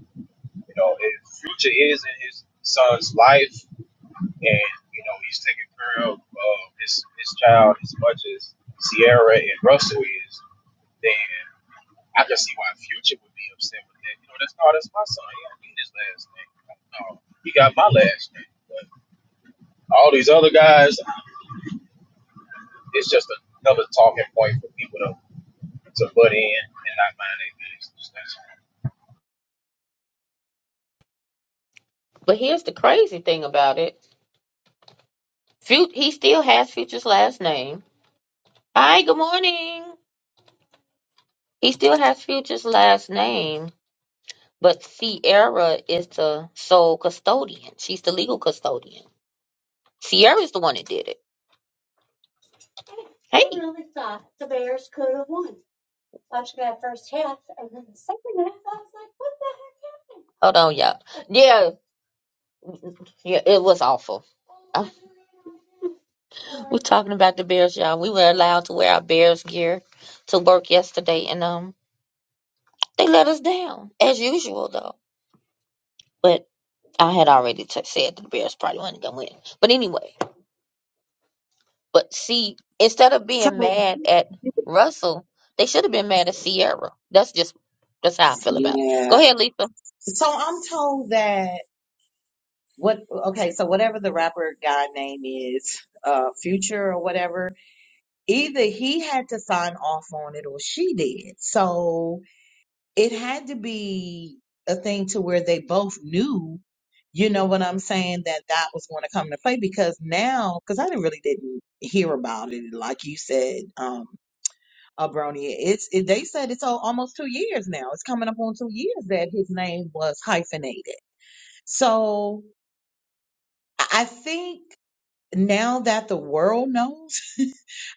Speaker 8: You know, if future is in his son's life, and you know he's taking care of uh, his his child as much as Sierra and Russell is. Then I can see why Future would be upset with that. You know, that's oh, that's my son. He don't need his last name. No, he got my last name. But all these other guys, it's just another talking point for people to to butt in and not mind their business. That's all.
Speaker 2: But here's the crazy thing about it: Fut- he still has Future's last name Hi, good morning. He still has Future's last name, but Sierra is the sole custodian. She's the legal custodian. Sierra's the one that did it. Hey. Hold on, y'all. Yeah, yeah, it was awful. Uh, We're talking about the Bears, y'all. We were allowed to wear our Bears gear to work yesterday, and um, they let us down as usual, though. But I had already t- said that the Bears probably weren't gonna win. But anyway. But see, instead of
Speaker 9: So
Speaker 2: being mad at Russell, they should have been mad at Sierra. That's just that's how I feel about it. Go
Speaker 9: yeah.
Speaker 2: ahead, Lisa.
Speaker 9: So I'm told that what okay, so whatever the rapper guy name is, uh Future or whatever, either he had to sign off on it or she did. So it had to be a thing to where they both knew, you know what I'm saying, that that was going to come into play because now cuz I didn't really didn't hear about it like you said. um. Abronia. It's it, they said it's al- almost two years now. It's coming up on two years that his name was hyphenated. So I I think now that the world knows.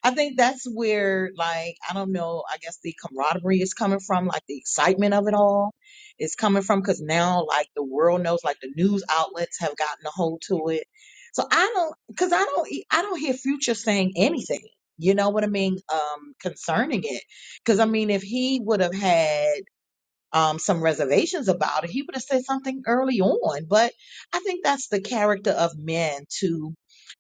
Speaker 9: I think that's where, like, I don't know, I guess the camaraderie is coming from, like the excitement of it all is coming from, because now, like, the world knows, like, the news outlets have gotten a hold to it. So I don't, because I don't, e- I don't hear Future saying anything. You know what I mean? Um, concerning it, because I mean, if he would have had um, some reservations about it, he would have said something early on. But I think that's the character of men to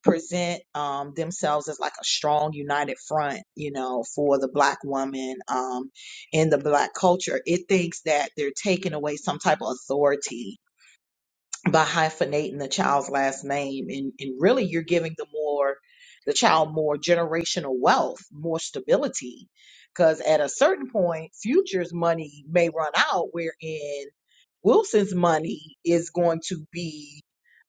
Speaker 9: present um, themselves as like a strong, united front, you know, for the black woman um, in the black culture. It thinks that they're taking away some type of authority by hyphenating the child's last name and, and really you're giving the more the child more generational wealth more stability because at a certain point futures money may run out wherein wilson's money is going to be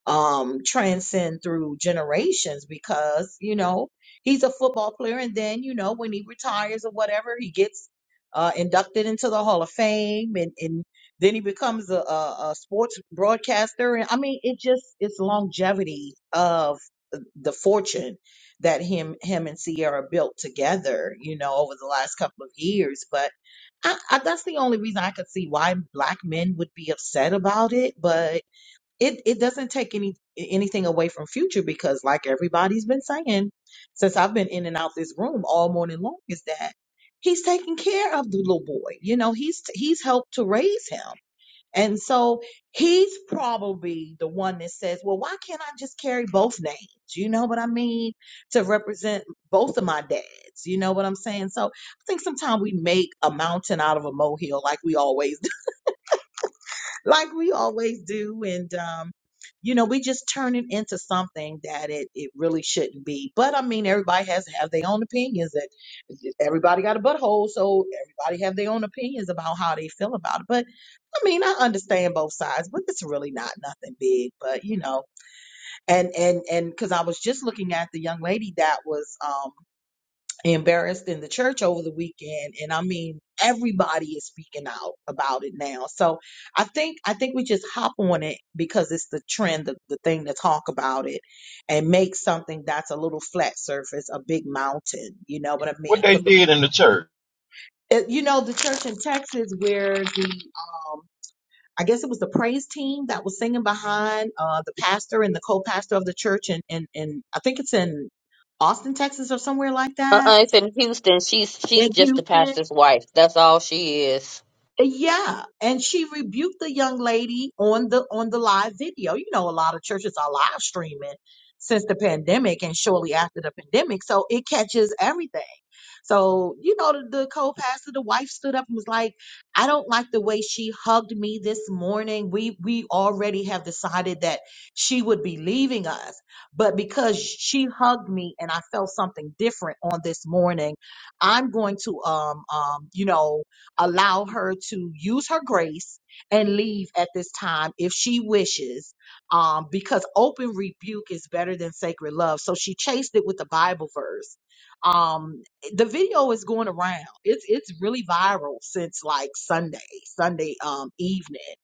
Speaker 9: um transcend through generations because you know he's a football player and then you know when he retires or whatever he gets uh inducted into the hall of fame and and then he becomes a, a, a sports broadcaster and i mean it just it's longevity of the fortune that him him and sierra built together you know over the last couple of years but I, I that's the only reason i could see why black men would be upset about it but it it doesn't take any anything away from future because like everybody's been saying since I've been in and out this room all morning long is that he's taking care of the little boy. You know, he's he's helped to raise him. And so he's probably the one that says, "Well, why can't I just carry both names?" You know what I mean? To represent both of my dads. You know what I'm saying? So I think sometimes we make a mountain out of a molehill like we always like we always do and um you know we just turn it into something that it it really shouldn't be but i mean everybody has to have their own opinions that everybody got a butthole so everybody have their own opinions about how they feel about it but i mean i understand both sides but it's really not nothing big but you know and and and because i was just looking at the young lady that was um embarrassed in the church over the weekend and i mean everybody is speaking out about it now so i think i think we just hop on it because it's the trend the, the thing to talk about it and make something that's a little flat surface a big mountain you know what i
Speaker 8: What
Speaker 9: mean
Speaker 8: they
Speaker 9: because
Speaker 8: did in the church.
Speaker 9: you know the church in texas where the um I guess it was the praise team that was singing behind uh, the pastor and the co-pastor of the church, and in, in, in I think it's in Austin, Texas, or somewhere like
Speaker 2: Uh
Speaker 9: that,
Speaker 2: uh it's in Houston. She's she's
Speaker 9: in
Speaker 2: just the
Speaker 9: Houston
Speaker 2: pastor's wife. That's all she is.
Speaker 9: Yeah, and she rebuked the young lady on the on the live video. You know, a lot of churches are live streaming since the pandemic and shortly after the pandemic, so it catches everything. So, you know, the, the co-pastor, the wife stood up and was like, "I don't like the way she hugged me this morning. We we already have decided that she would be leaving us, but because she hugged me and I felt something different on this morning, I'm going to um um you know allow her to use her grace and leave at this time if she wishes um, because open rebuke is better than sacred love so she chased it with the bible verse um, the video is going around it's it's really viral since like sunday sunday um, evening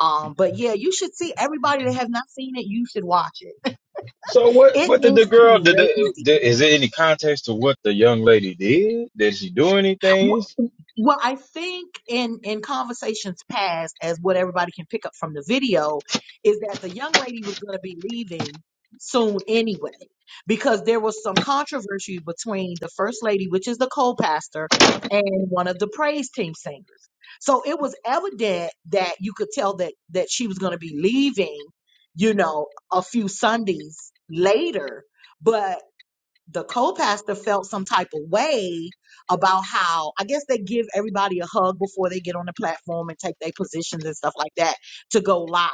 Speaker 9: um, but yeah you should see everybody that has not seen it you should watch it
Speaker 8: So what?
Speaker 9: it
Speaker 8: What did the
Speaker 9: is
Speaker 8: girl? Did, the,
Speaker 9: crazy
Speaker 8: did is there any context to what the young lady did? Did she do anything?
Speaker 9: Wh- Well, I think in in conversations past, as what everybody can pick up from the video, is that the young lady was going to be leaving soon anyway, because there was some controversy between the first lady, which is the co-pastor, and one of the praise team singers. So it was evident that you could tell that that she was going to be leaving, you know, a few Sundays later the co-pastor felt some type of way about how I guess they give everybody a hug before they get on the platform and take their positions and stuff like that to go live.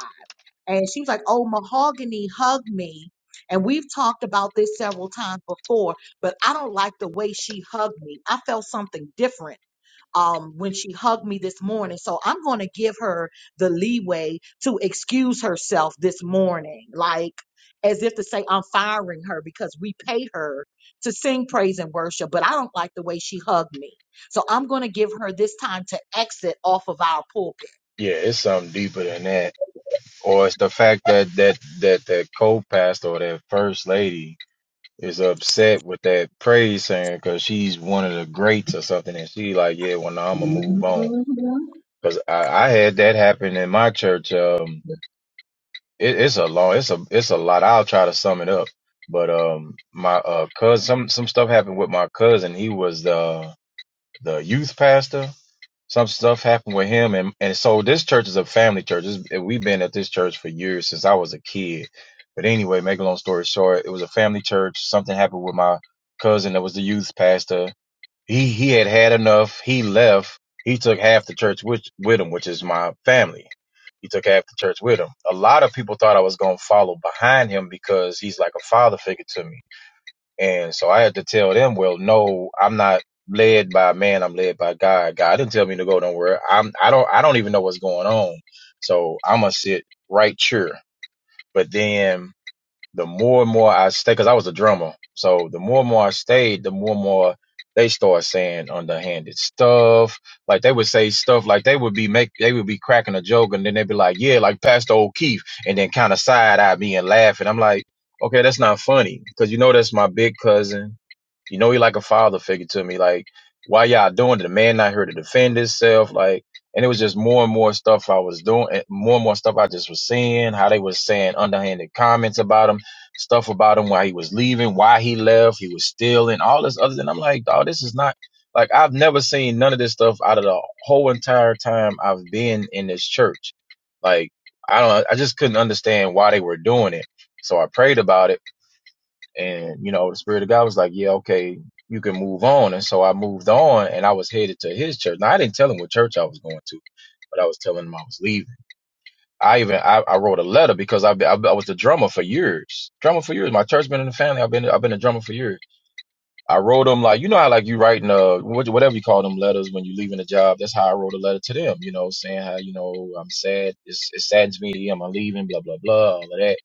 Speaker 9: And she was like, "Oh, Mahogany hugged me." And we've talked about this several times before, but I don't like the way she hugged me. I felt something different um, when she hugged me this morning. So I'm going to give her the leeway to excuse herself this morning, like as if to say I'm firing her because we paid her to sing praise and worship, but I don't like the way she hugged me. So I'm going to give her this time to exit off of our pulpit.
Speaker 8: Yeah, it's something deeper than that, or it's the fact that that that that co-pastor or that first lady is upset with that praise singer because she's one of the greats or something, and she like, yeah, well, now I'm gonna move
Speaker 9: Mhm.
Speaker 8: on because I, I had that happen in my church. Um, it, it's a long, it's a it's a lot. I'll try to sum it up, but um, my uh cousin, some some stuff happened with my cousin. He was the the youth pastor. Some stuff happened with him, and and so this church is a family church. This, we've been at this church for years since I was a kid. But anyway, make a long story short, it was a family church. Something happened with my cousin that was the youth pastor. He he had had enough. He left. He took half the church with with him, which is my family. He took half the church with him. A lot of people thought I was gonna follow behind him because he's like a father figure to me and so I had to tell them, well, no, I'm not led by man. I'm led by God. God didn't tell me to go nowhere. I'm, I don't, I don't even know what's going on. So I'm going to sit right here. But then the more and more I stay, cause I was a drummer. So the more and more I stayed, the more and more they start saying underhanded stuff. Like they would say stuff like they would be make, they would be cracking a joke and then they'd be like, yeah, like Pastor O'Keefe. And then kind of side eye me and laugh. And I'm like, okay, that's not funny. Cause you know, that's my big cousin you know, he like a father figure to me. Like, why y'all doing it? The man not here to defend himself. Like, and it was just more and more stuff I was doing, and more and more stuff I just was seeing. How they was saying underhanded comments about him, stuff about him, why he was leaving, why he left, he was stealing, all this other. And I'm like, dog, this is not like I've never seen none of this stuff out of the whole entire time I've been in this church. Like, I don't, I just couldn't understand why they were doing it. So I prayed about it and, you know, the Spirit of God was like, yeah, okay, you can move on. And so I moved on and I was headed to his church. Now, I didn't tell him what church I was going to, but I was telling him I was leaving. I even, I, I wrote a letter because I, I, I was the drummer for years. Drummer for years. My church been in the family. I've been, I've been a drummer for years. I wrote them like, you know how like you writing, uh, whatever you call them letters when you leaving a job. That's how I wrote a letter to them, you know, saying how, you know, I'm sad. It's, it saddens me. I'm leaving, blah, blah, blah, all of that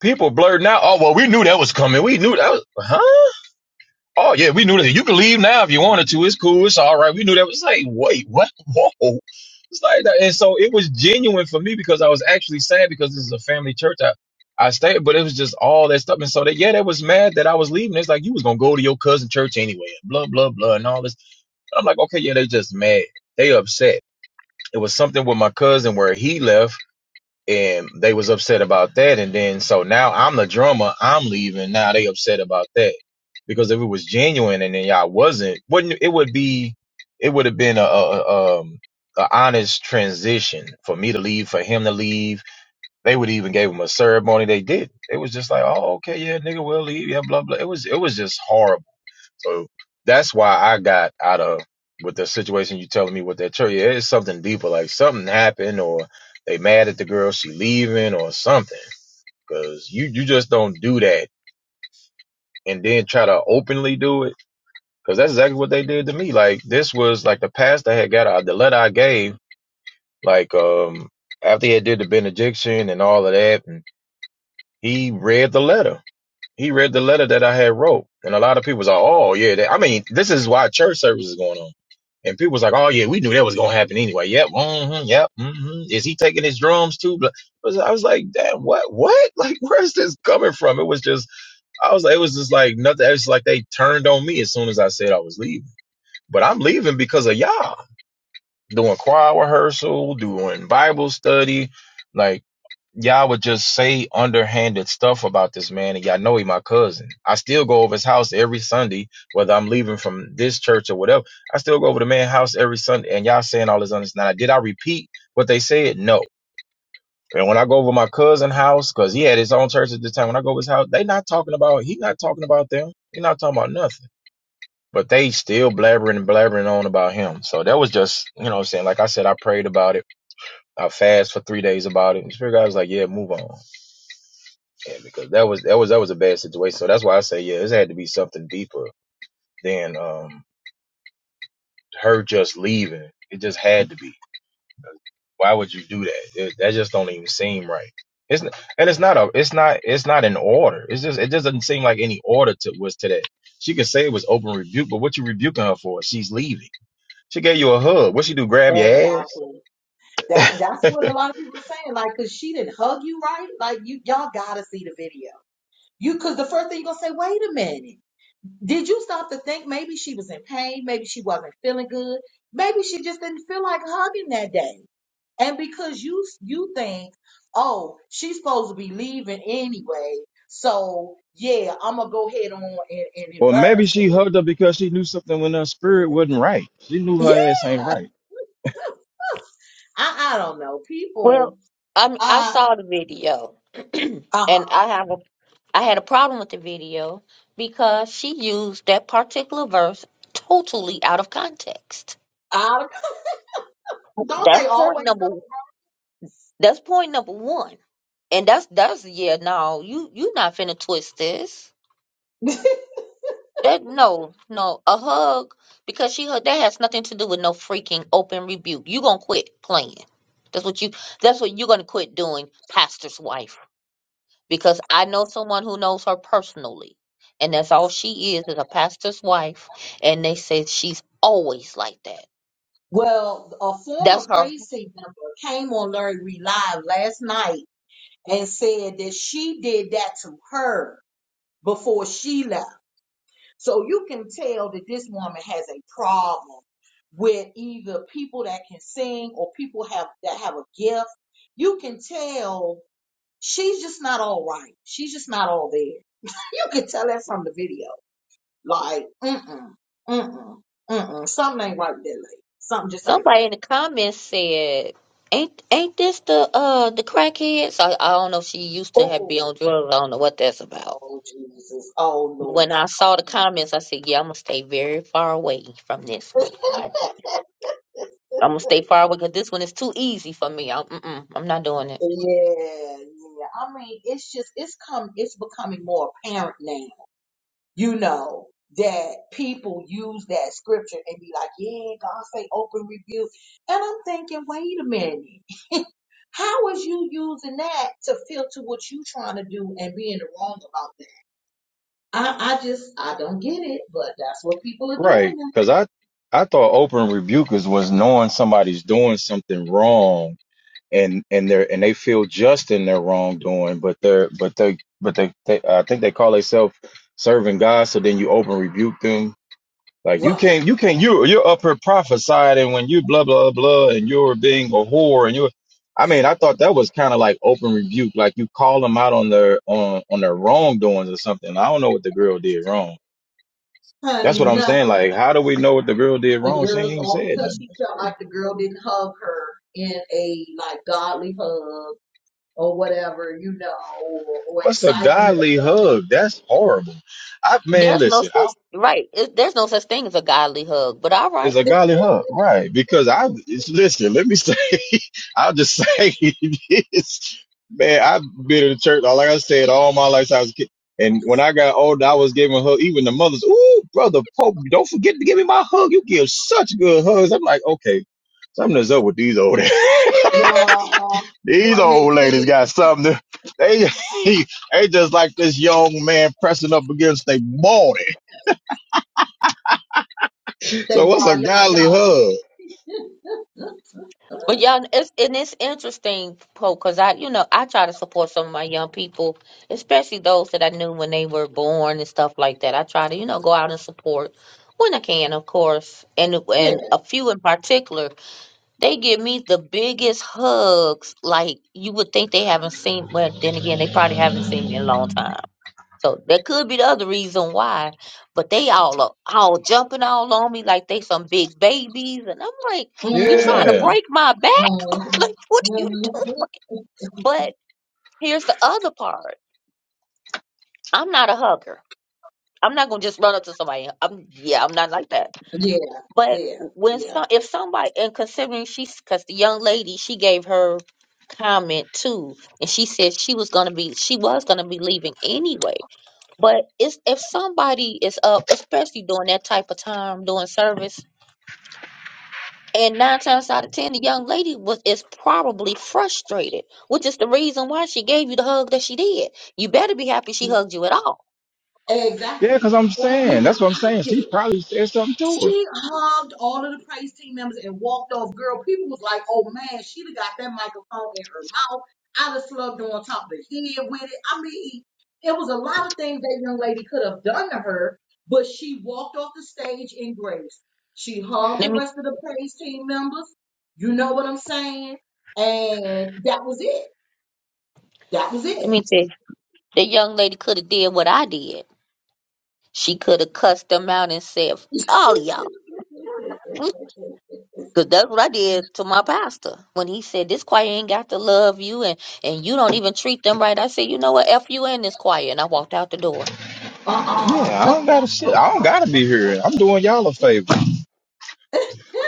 Speaker 8: people blurting out. Oh well, we knew that was coming. We knew that was, huh? Oh yeah, we knew that. You can leave now if you wanted to. It's cool. It's all right. We knew that. It was like, wait, what? Whoa. It's like that. And so it was genuine for me because I was actually sad because this is a family church. I, I stayed, but it was just all that stuff. And so they, yeah, they was mad that I was leaving. It's like, you was going to go to your cousin church anyway, blah, blah, blah, and all this. I'm like, okay, yeah, they just mad. They upset. It was something with my cousin where he left and they was upset about that and then so now i'm the drummer i'm leaving now they upset about that because if it was genuine and then y'all wasn't wouldn't it would be it would have been a, a, a um a honest transition for me to leave for him to leave they would even gave him a ceremony they did it was just like oh okay yeah nigga will leave yeah blah blah it was it was just horrible so that's why I got out of with the situation you telling me with that church. Yeah, it's something deeper, like something happened or they mad at the girl, she leaving or something. Cause you, you just don't do that and then try to openly do it. Cause that's exactly what they did to me. Like this was like the pastor had got out, the letter I gave, like, um, after he had did the benediction and all of that, and he read the letter He read the letter that I had wrote, and a lot of people was like, "Oh yeah." That, I mean, this is why church service is going on, and people was like, "Oh yeah, we knew that was gonna happen anyway." Yep, mm-hmm, yep. Mm-hmm. Is he taking his drums too? I was, I was like, "Damn, what? What? Like, where's this coming from?" It was just, I was, like, it was just like nothing. It was like they turned on me as soon as I said I was leaving. But I'm leaving because of y'all doing choir rehearsal, doing Bible study. like y'all would just say underhanded stuff about this man, and y'all know he my cousin. I still go over his house every Sunday, whether I'm leaving from this church or whatever. I still go over the man's house every Sunday, and y'all saying all this understanding. Now, did I repeat what they said? No. And when I go over my cousin' house, because he had his own church at the time, when I go over his house, they not talking about, he not talking about them. He not talking about nothing. But they still blabbering and blabbering on about him. So that was just, you know what I'm saying? Like I said, I prayed about it. I fast for three days about it. And the Spirit of God was like, yeah, move on. Yeah, because that was that was that was a bad situation. So that's why I say, yeah, this had to be something deeper than um her just leaving. It just had to be. Why would you do that? It, that just don't even seem right. It's n- and it's not a it's not it's not an order. It's just it just doesn't seem like any order to was to that. She could say it was open rebuke, but what you rebuking her for? She's leaving. She gave you a hug. What she do? Grab your ass?
Speaker 9: Exactly. That that's what a lot of people are saying. Like, cause she didn't hug you right. Like you y'all gotta see the video. You cause the first thing you're gonna say, wait a minute. Did you stop to think maybe she was in pain? Maybe she wasn't feeling good. Maybe she just didn't feel like hugging that day. And because you you think, oh, she's supposed to be leaving anyway, so yeah, I'm gonna go ahead on and, and
Speaker 8: Or maybe
Speaker 9: embarrass
Speaker 8: she hugged her because she knew something when her spirit wasn't right. She knew
Speaker 9: her. Yeah,
Speaker 8: her ass ain't
Speaker 9: I,
Speaker 8: right.
Speaker 9: I don't know. People,
Speaker 2: Well, I mean, I
Speaker 9: uh,
Speaker 2: saw the video,
Speaker 9: uh huh.
Speaker 2: and I have a I had a problem with the video because she used that particular verse totally out of context.
Speaker 9: I, don't they
Speaker 2: That's point
Speaker 9: always
Speaker 2: number.
Speaker 9: know?
Speaker 2: That's point number one, and that's that's yeah. No, you you not finna twist this. That no, no, a hug because she hug that has nothing to do with no freaking open rebuke. You gonna quit playing. That's what you. That's what you're gonna quit doing, pastor's wife. Because I know someone who knows her personally, and that's all she is is a pastor's wife. And they say she's always like that.
Speaker 9: Well, a
Speaker 2: That's
Speaker 9: former
Speaker 2: her.
Speaker 9: praise team member came on Larry Reed Live last night and said that she did that to her. before she left. So you can tell that this woman has a problem with either people that can sing or people have that have a gift. You can tell she's just not all right. She's just not all there. You can tell that from the video. Like, mm-mm, mm-mm, mm-mm. Something ain't right with that lady. Something just ain't
Speaker 2: Somebody
Speaker 9: right.
Speaker 2: in the comments said, "Ain't ain't this the uh the crackheads?" I I don't know if she used to have be
Speaker 9: Oh,
Speaker 2: on drugs. I don't know what that's about
Speaker 9: oh, oh, Jesus. Oh, Lord,
Speaker 2: When
Speaker 9: not
Speaker 2: I saw the comments, I said, "Yeah, I'm gonna stay very far away from this one.
Speaker 9: Christ.
Speaker 2: I, I'm gonna stay far away because this one is too easy for me. I'm, mm-mm, I'm not doing it.
Speaker 9: Yeah, yeah. I mean, it's just it's come it's becoming more apparent now, you know, that people use that scripture and be like, Yeah, God say open rebuke. And I'm thinking, wait a minute, how is you using that to filter what you trying to do and being wrong about that? I, I just I don't get it, but that's what people are doing
Speaker 8: Right, because I I thought open rebukers was knowing somebody's doing something wrong and and they're and they feel just in their wrongdoing, but they're but they but they, they I think they call themselves serving God. So then you open rebuke them. Like
Speaker 9: now.
Speaker 8: you
Speaker 9: Right.
Speaker 8: can't you can't you you're up here prophesying and when you blah blah blah and you're being a whore and you're I mean I thought that was kind of like open rebuke like you call them out on their on on their wrongdoings or something. I don't know what the girl did wrong that's
Speaker 9: Honey,
Speaker 8: what I'm
Speaker 9: nothing.
Speaker 8: saying. Like, how do we know what the girl did
Speaker 9: The
Speaker 8: wrong? She
Speaker 9: girl
Speaker 8: ain't even
Speaker 9: all
Speaker 8: said
Speaker 9: because
Speaker 8: nothing.
Speaker 9: she
Speaker 8: That's
Speaker 9: felt
Speaker 8: weird.
Speaker 9: like the girl didn't hug her in a like godly hug or whatever, you know, or, or
Speaker 8: What's a
Speaker 9: excitement.
Speaker 8: godly hug? That's horrible. I man,
Speaker 2: There's no
Speaker 8: listen,
Speaker 2: such
Speaker 8: I
Speaker 2: right. It, there's no such thing as a godly hug. But all
Speaker 8: is
Speaker 2: right.
Speaker 8: a godly hug, right? Because I it's, listen. Let me say, I'll just say this, man. I've been in the church, like I said, all my life. since I was a kid. And when I got older, I was giving her even the mothers. Ooh, brother Pope, don't forget to give me my hug. You give such good hugs. I'm like, okay, something's up with these old.
Speaker 9: uh-huh.
Speaker 8: These
Speaker 9: What they
Speaker 8: old ladies
Speaker 9: see
Speaker 8: got something. To, they they just like this young man pressing up against their body.
Speaker 9: they
Speaker 8: So what's a
Speaker 9: body out
Speaker 8: godly
Speaker 9: God.
Speaker 8: hug?
Speaker 2: But y'all, it's and it's interesting, Poe, because I, you know, I try to support some of my young people, especially those that I knew when they were born and stuff like that. I try to, you know, go out and support when I can, of course, and
Speaker 9: Yeah.
Speaker 2: and a few in particular They give me the biggest hugs. Like you would think they haven't seen. Well, then again, they probably haven't seen me in a long time. So that could be the other reason why. But they all are all jumping all on me like they some big babies, and I'm like, you trying to
Speaker 8: Yeah,
Speaker 9: Mm-hmm.
Speaker 2: break my back? like what
Speaker 9: Mm-hmm.
Speaker 2: are you doing?
Speaker 9: Mm-hmm.
Speaker 2: But here's the other part. I'm not a hugger. I'm not gonna just run up to somebody. I'm yeah, I'm not like that.
Speaker 9: Yeah.
Speaker 2: But
Speaker 9: Yeah.
Speaker 2: when some,
Speaker 9: Yeah.
Speaker 2: if somebody, and considering she's, because the young lady, she gave her comment too, and she said she was gonna be, she was gonna be leaving anyway. But it's if somebody is up, especially during that type of time, doing service. And nine times out of ten, the young lady was is probably frustrated, which is the reason why she gave you the hug that she did. You better be happy she hugged you at all.
Speaker 8: yeah,
Speaker 9: Exactly.
Speaker 8: because I'm
Speaker 9: Or
Speaker 8: saying
Speaker 9: even
Speaker 8: that's what I'm saying. She
Speaker 9: acted.
Speaker 8: probably said something to her.
Speaker 9: She hugged all of the praise team members and walked off. Girl, people was like, oh man, she'd got that microphone in her mouth. I'd have slugged her on top of the head with it. I mean, it was a lot of things that young lady could have done to her, but she walked off the stage in grace. She hugged
Speaker 2: Let
Speaker 9: the
Speaker 2: me
Speaker 9: rest of the praise team members. You know what I'm saying? And that was it. That was
Speaker 2: let
Speaker 9: it.
Speaker 2: me tell you, the young lady could have did what I did. She could have cussed them out and said, "All y'all." Cause that's what I did to my pastor when he said this choir ain't got to love you and and you don't even treat them right. I said, you know what, f you in this choir, and I walked out the door.
Speaker 8: Yeah, I
Speaker 9: Uh-uh.
Speaker 8: don't gotta shit. I don't gotta be here. I'm doing y'all a favor,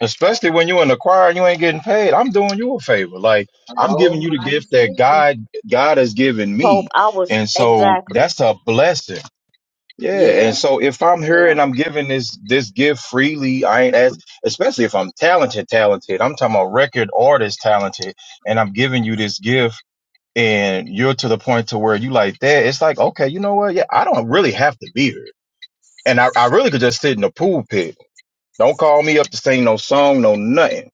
Speaker 8: especially when you are in the choir and you ain't getting paid. I'm doing you a favor. Like I'm giving you the
Speaker 9: Almighty
Speaker 8: gift that
Speaker 9: Savior.
Speaker 8: God God has given
Speaker 2: Pope,
Speaker 8: me,
Speaker 2: I was
Speaker 8: and so
Speaker 2: exactly.
Speaker 8: that's a blessing. Yeah,
Speaker 9: Yeah,
Speaker 8: and so if I'm here
Speaker 9: yeah.
Speaker 8: and I'm giving this this gift freely, I ain't as especially if I'm talented, talented. I'm talking about record artist talented, and I'm giving you this gift, and you're to the point to where you like that. It's like, okay, you know what? Yeah, I don't really have to be here, and I, I really could just sit in the pool pit. Don't call me up to sing no song, no nothing.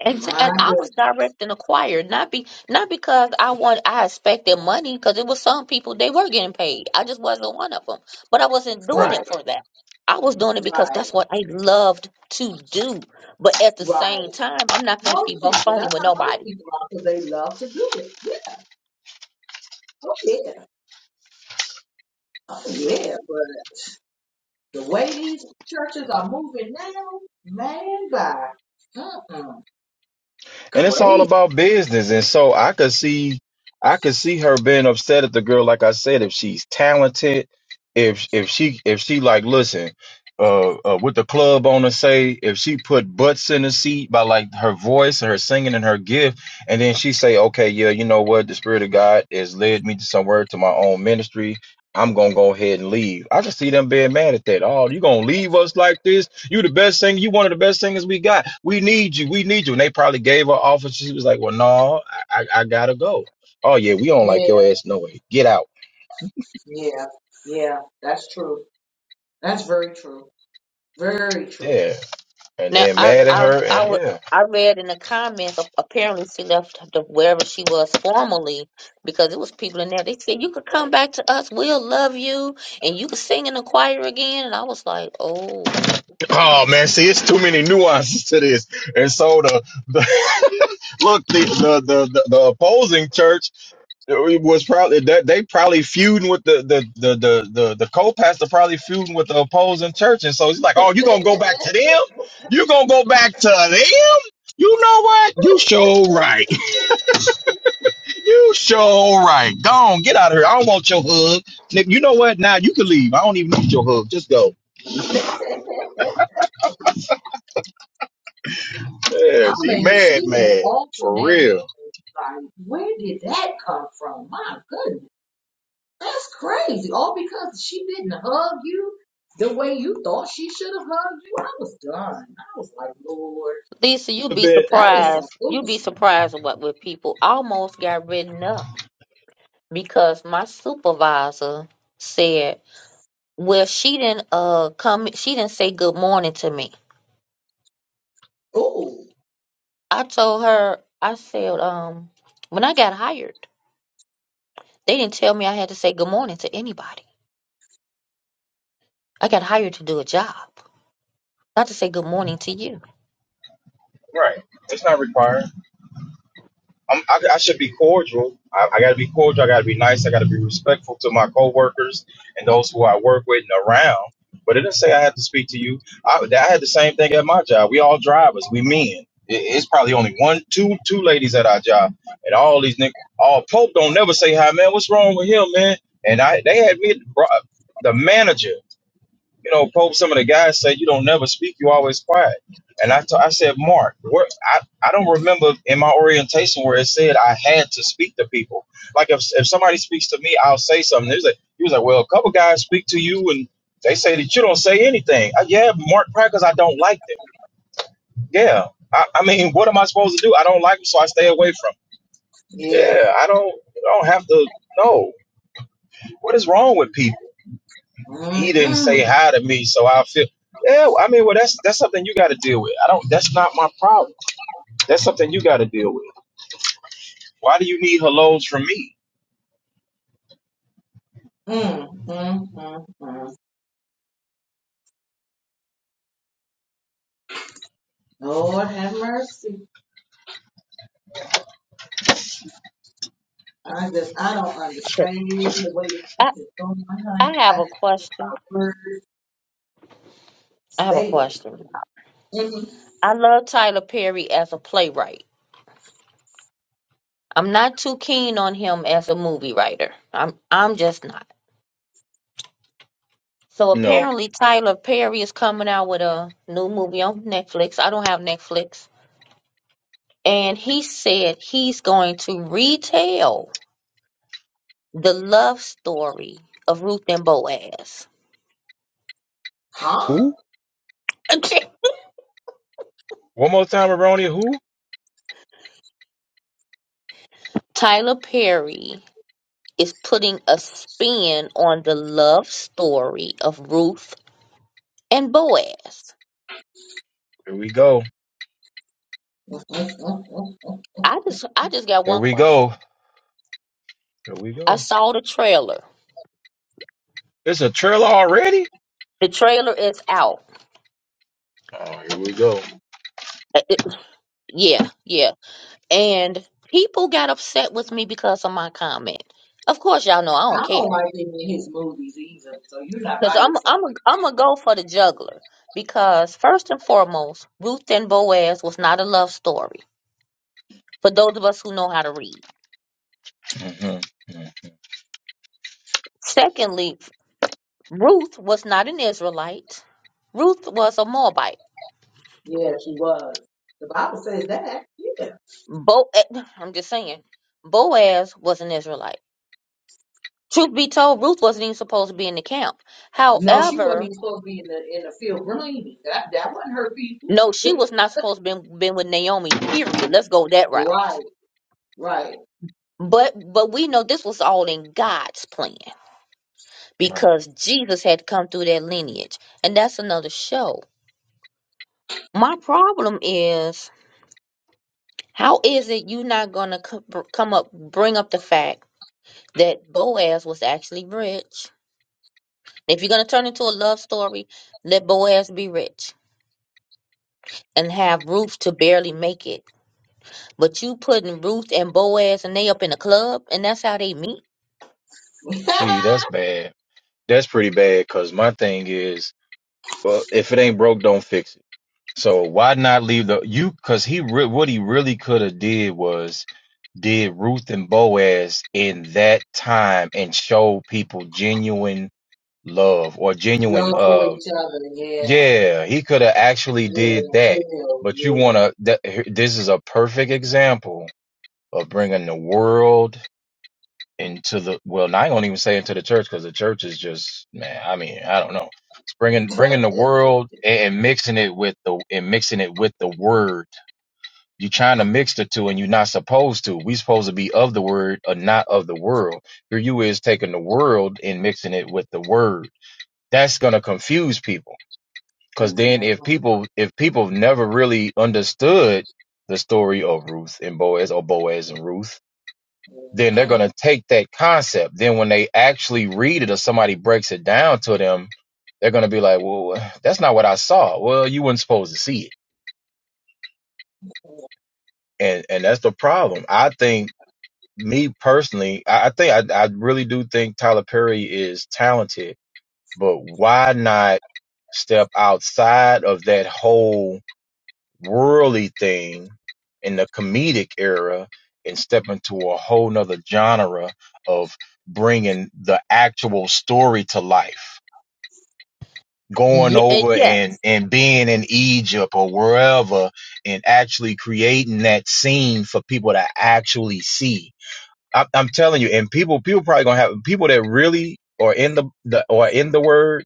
Speaker 2: Exa-
Speaker 9: My
Speaker 2: And I
Speaker 9: goodness.
Speaker 2: was directing the choir, not be not because I want I expected money, because it was some people they were getting paid. I just wasn't one of them, but I wasn't doing
Speaker 9: Right,
Speaker 2: it for that. I was doing it because
Speaker 9: right,
Speaker 2: that's what I loved to do. But at the same
Speaker 9: right.
Speaker 2: time, I'm not finna be
Speaker 9: Most people,
Speaker 2: phony
Speaker 9: that's
Speaker 2: with
Speaker 9: how
Speaker 2: nobody.
Speaker 9: most people are, cause they love to do it. Yeah, oh yeah, oh yeah. But the way these churches are moving now, man, by mm-mm,
Speaker 8: and it's all
Speaker 9: crazy.
Speaker 8: about business. And so I could see, I could see her being upset at the girl. Like I said, if she's talented, if if she if she like listen, uh, uh with the club on to say, if she put butts in the seat by like her voice, her singing, and her gift, and then she say, okay, yeah, you know what, the spirit of God has led me to somewhere to my own ministry. I'm gonna go ahead and leave. I just see them being mad at that. Oh, you gonna leave us like this? You the best singer. You one of the best singers we got. We need you. We need you. And they probably gave her offer. She was like, well, no, I, I, I gotta go. Oh yeah, we don't like
Speaker 9: Yeah,
Speaker 8: your ass no way. Get out.
Speaker 9: yeah, yeah. That's true. That's very true. Very true.
Speaker 8: Yeah. And
Speaker 2: Now,
Speaker 8: then
Speaker 2: I,
Speaker 8: mad at
Speaker 2: I,
Speaker 9: Very
Speaker 8: her
Speaker 2: I
Speaker 8: and
Speaker 2: would,
Speaker 8: yeah.
Speaker 2: I read in the comments. a- Apparently, she left the, wherever she was formerly because it was people in there. They said you could come back to us. We'll love you, and you could sing in the choir again. And I was like, oh,
Speaker 8: Oh man, see, it's too many nuances to this. And so the the look the the the, the, the opposing church It was probably that they probably feuding with the the the the the, the co-pastor probably feuding with the opposing church, and so he's like, "Oh, you gonna go back to them? You gonna go back to them? You know what? You sure right. You sure right. Go on, get out of here. I don't want your hug. Nick, You know what? Now you can leave. I don't even need your hug. Just go.
Speaker 9: true. I
Speaker 8: Yes, he
Speaker 9: mean, she
Speaker 8: mad,
Speaker 9: went
Speaker 8: mad
Speaker 9: off in
Speaker 8: for
Speaker 9: that area.
Speaker 8: real.
Speaker 9: Like, where did that come from? My goodness, that's crazy. All because she didn't hug you the way you thought she should have hugged you. I was done. I was like, Lord,
Speaker 2: Lisa, you'd
Speaker 8: A
Speaker 2: be
Speaker 8: bit
Speaker 9: that is some
Speaker 2: surprised. You'd be
Speaker 9: foolishness.
Speaker 2: surprised at what with people I almost got written up because my supervisor said, well, she didn't uh come. She didn't say good morning to me.
Speaker 9: Oh,
Speaker 2: I told her. I said, um, when I got hired. They didn't tell me I had to say good morning to anybody. I got hired to do a job, not to say good morning to you.
Speaker 8: right. It's not required. I'm, I, I should be cordial. I, I got to be cordial. I got to be nice. I got to be respectful to my coworkers and those who I work with and around. But it didn't say I had to speak to you. I, I had the same thing at my job. We all drivers. We men. It, it's probably only one, two, two ladies at our job, and all these niggas. All Pope don't never say hi, man. What's wrong with him, man? And I, they had me. bro- The manager you know, Pope, some of the guys say you don't never speak, you always quiet. And I t- I said, Mark, where I, I don't remember in my orientation where it said I had to speak to people. Like if, if somebody speaks to me, I'll say something. He was like, he was like, well, a couple guys speak to you and they say that you don't say anything. Uh, yeah, but Mark, probably because I don't like them. Yeah. I, I mean, what am I supposed to do? I don't like them, so I stay away from 'em.
Speaker 9: yeah.
Speaker 8: Yeah, I don't I don't have to. No, what is wrong with people? he
Speaker 9: Mm,
Speaker 8: didn't
Speaker 9: mm,
Speaker 8: say hi to me, so I feel yeah. I mean, well, that's that's something you got to deal with. I don't. That's not my problem. That's something you got to deal with. Why do you need hellos from me?
Speaker 9: mm, mm, mm, mm. Lord have mercy. I just, I don't understand the way the
Speaker 2: I,
Speaker 9: preacher told my
Speaker 2: I
Speaker 9: honey.
Speaker 2: have
Speaker 9: I
Speaker 2: a
Speaker 9: just, feel
Speaker 2: question.
Speaker 9: my words
Speaker 2: I have a
Speaker 9: stated.
Speaker 2: question.
Speaker 9: Mhm.
Speaker 2: I love Tyler Perry as a playwright. I'm not too keen on him as a movie writer. I'm I'm just not. So
Speaker 8: No.
Speaker 2: apparently Tyler Perry is coming out with a new movie on Netflix. I don't have Netflix. And he said he's going to retell the love story of Ruth and Boaz.
Speaker 9: Huh?
Speaker 8: One more time, Aronia. Who?
Speaker 2: Tyler Perry is putting a spin on the love story of Ruth and Boaz.
Speaker 8: Here we go.
Speaker 9: I don't
Speaker 2: I just I just got
Speaker 8: Here
Speaker 2: one
Speaker 8: we go.
Speaker 2: question.
Speaker 8: Here we
Speaker 2: I
Speaker 8: go.
Speaker 2: saw the trailer.
Speaker 8: It's a trailer already.
Speaker 2: The trailer is out.
Speaker 8: Oh, here we go.
Speaker 2: Uh, it- yeah, yeah. And people got upset with me because of my comment. Of course y'all know I don't care.
Speaker 9: like him in his movies either. So you're not
Speaker 2: Cuz
Speaker 9: by
Speaker 2: I'm
Speaker 9: yourself.
Speaker 2: I'm a, I'm gonna go for the juggler because first and foremost, Ruth and Boaz was not a love story for those of us who know how to read.
Speaker 8: hmm
Speaker 2: Secondly, Ruth was not an Israelite. Ruth was a Moabite.
Speaker 9: Yeah, she was. The Bible says that. Yeah.
Speaker 2: Bo, eh, I'm just saying, Boaz was an Israelite. Truth be told, Ruth wasn't even supposed to be in the camp.
Speaker 9: No, she wasn't
Speaker 2: However,
Speaker 9: even supposed to be in the in the field gleaning. That that wasn't her people.
Speaker 2: no, she was not supposed to be been with Naomi. Period. Let's go that
Speaker 9: Right,
Speaker 2: route.
Speaker 9: right.
Speaker 2: But but we know this was all in God's plan
Speaker 8: Right.
Speaker 2: because Jesus had come through that lineage, and that's another show. My problem is, how is it you not gonna come up, bring up the fact? that Boaz was actually rich. If you're going to turn into a love story, let Boaz be rich and have Ruth to barely make it. But you putting Ruth and Boaz and they up in a club and that's how they meet?
Speaker 8: See, that's bad. That's pretty bad. Cause my thing is, well, if it ain't broke, don't fix it. So why not leave the you? Cause he re- what he really could have did was did Ruth and Boaz in that time and showed people genuine love or genuine
Speaker 9: Love for
Speaker 8: uh
Speaker 9: each other. Yeah.
Speaker 8: yeah he could have actually did
Speaker 9: Yeah.
Speaker 8: that
Speaker 9: Feel.
Speaker 8: but you want
Speaker 9: Yeah.
Speaker 8: to th- this is a perfect example of bringing the world into the well now i don't even say into the church because the church is just man i mean i don't know it's bringing bringing the world and, and mixing it with the and mixing it with the word you're trying to mix the two, and you're not supposed to. We are supposed to be of the word, or not of the world. Here you is taking the world and mixing it with the word. That's gonna confuse people. Cause then
Speaker 9: Mhm.
Speaker 8: if people if people never really understood the story of Ruth and Boaz or Boaz and Ruth, then they're gonna take that concept. Then when they actually read it or somebody breaks it down to them, they're gonna be like, "Well, that's not what I saw." Well, you weren't supposed to see it, and and that's the problem. I think me personally, I, I think I, I really do think Tyler Perry is talented, but why not step outside of that whole worldly thing in the comedic era and step into a whole nother genre of bringing the actual story to life? Going
Speaker 2: Yeah,
Speaker 8: over
Speaker 2: yes,
Speaker 8: and, and being in Egypt or wherever and actually creating that scene for people to actually see I, I'm telling you, and people people probably gonna have people that really are in the, the or in the Word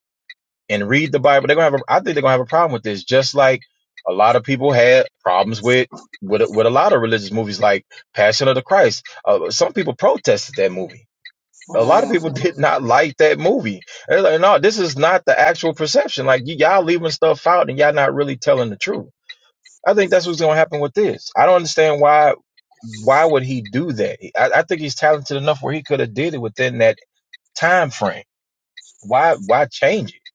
Speaker 8: and read the Bible. They're gonna have. A, I think they're gonna have a problem with this, just like a lot of people had problems with with with a lot of religious movies, like Passion of the Christ. Uh, some people protested that movie. A lot of people
Speaker 9: Mhm.
Speaker 8: did not like that movie. They're like, no, this is not the actual perception. Like y- y'all leaving stuff out and y'all not really telling the truth. I think that's what's going to happen with this. I don't understand why. Why would he do that? I, I think he's talented enough where he could have did it within that time frame. Why? Why change it?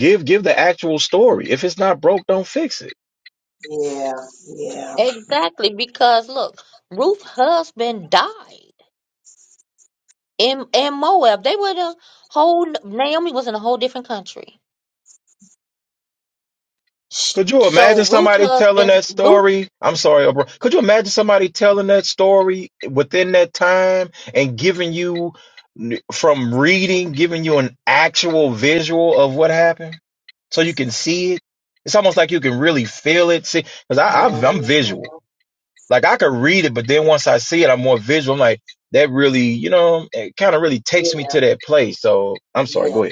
Speaker 8: Give Give the actual story. If it's not broke, don't fix it.
Speaker 9: Yeah. Yeah.
Speaker 2: exactly. Because look, Ruth's husband died in, in Moab. They were the whole, Naomi was in a whole different country. Sh-
Speaker 8: Could you
Speaker 2: So
Speaker 8: imagine
Speaker 2: Ruth's
Speaker 8: somebody telling
Speaker 2: husband,
Speaker 8: that
Speaker 2: Ruth.
Speaker 8: story? I'm sorry, bro. Could you imagine somebody telling that story within that time and giving you n- from reading, giving you an actual visual of what happened so you can see it? It's almost like you can really feel it. See, because I,
Speaker 9: Mhm.
Speaker 8: I I'm visual. Like I could read it, but then once I see it, I'm more visual. I'm like, that really, you know, it kind of really takes me
Speaker 9: Yeah.
Speaker 8: to that place. So I'm sorry,
Speaker 9: Yeah.
Speaker 8: go ahead.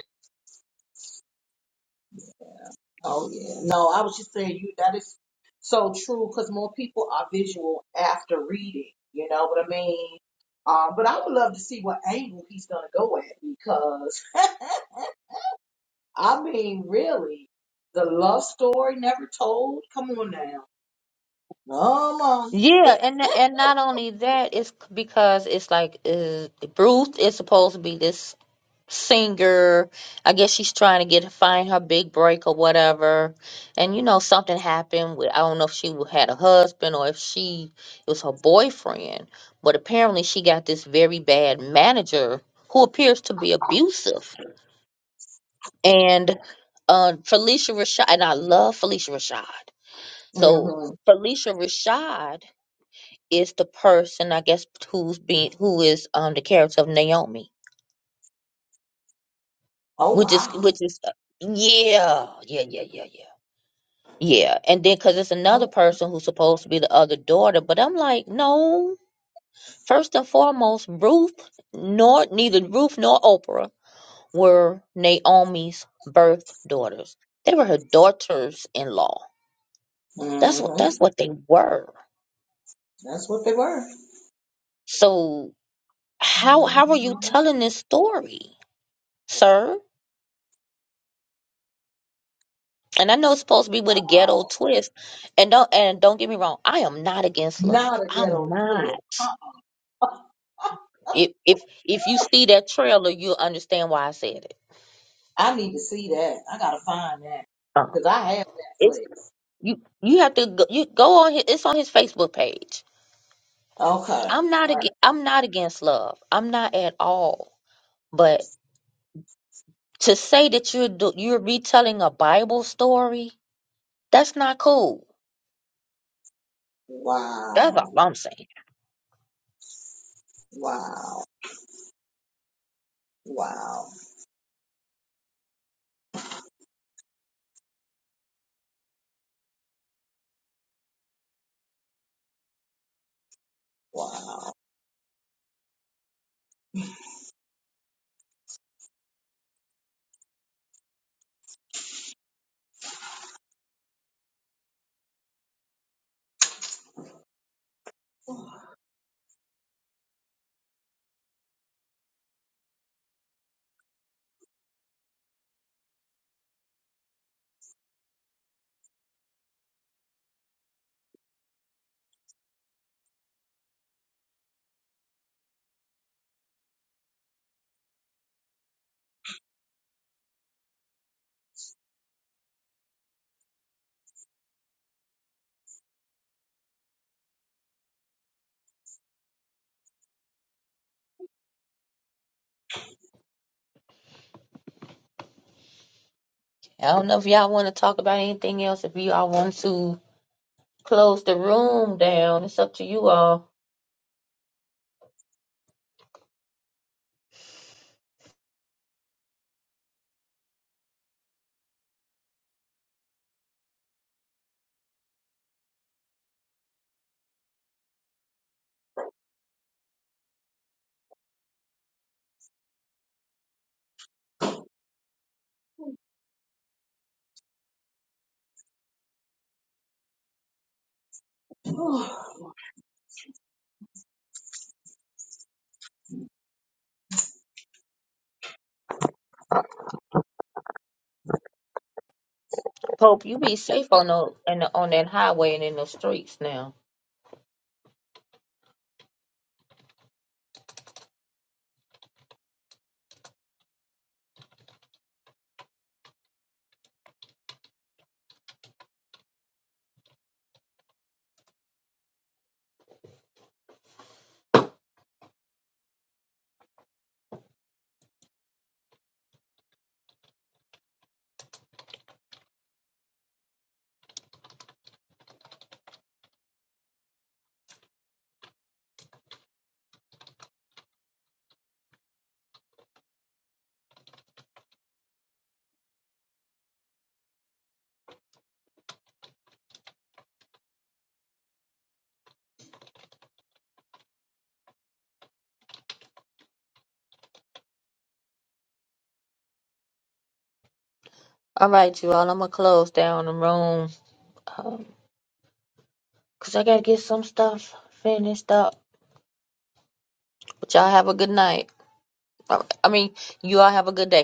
Speaker 9: Oh yeah. No, I was just saying you that is so true because more people are visual after reading. You know what I mean? Um, but I would love to see what angle he's gonna go at because I mean, really, the love story never told. Come on now. Come on.
Speaker 2: Yeah, and and not only that, it's c- because it's like uh, Ruth is supposed to be this singer. I guess she's trying to get find her big break or whatever. And you know, something happened with I don't know if she w- had a husband or if she it was her boyfriend, but apparently she got this very bad manager who appears to be abusive. And uh, Felicia Rashad, and I love Felicia Rashad. So
Speaker 9: hmm
Speaker 2: Felicia Rashad is the person I guess who's being who is um the character of Naomi,
Speaker 9: Oh
Speaker 2: which is
Speaker 9: wow.
Speaker 2: which is uh, yeah yeah yeah yeah yeah yeah, and then because it's another
Speaker 9: Oh,
Speaker 2: person who's supposed to be the other daughter, but I'm like no. First and foremost, Ruth nor neither Ruth nor Oprah were Naomi's birth daughters. They were her daughters-in-law. That's what
Speaker 9: hmm
Speaker 2: that's what they were.
Speaker 9: That's what they were.
Speaker 2: So how
Speaker 9: hmm
Speaker 2: how are you telling this story, sir? and I know it's supposed to be with a ghetto
Speaker 9: Wow.
Speaker 2: twist. And don't and don't get me wrong, I am not against love.
Speaker 9: Not a
Speaker 2: I'm
Speaker 9: ghetto twist.
Speaker 2: not. If if if you see that trailer, you'll understand why I said it.
Speaker 9: I need to see that. I gotta find that
Speaker 2: Um,
Speaker 9: because I have that
Speaker 2: it's
Speaker 9: flex.
Speaker 2: you you have to go, you go on his, it's on his Facebook page.
Speaker 9: Okay.
Speaker 2: I'm not
Speaker 9: All right.
Speaker 2: against, I'm not against love. I'm not at all. But to say that you're do, you're retelling a Bible story, that's not cool. That's all
Speaker 9: Wow.
Speaker 2: I'm saying.
Speaker 9: Wow. Wow.
Speaker 2: I don't know if y'all want to talk about anything else. If you all want to, close the room down. It's up to you all.
Speaker 9: Wow.
Speaker 2: Pope, you be safe on the, in the on that highway and in the streets now. All right, you all. I'm gonna close down the room um, 'cause I gotta get some stuff finished up. But y'all have a good night. All right. I mean, you all have a good day.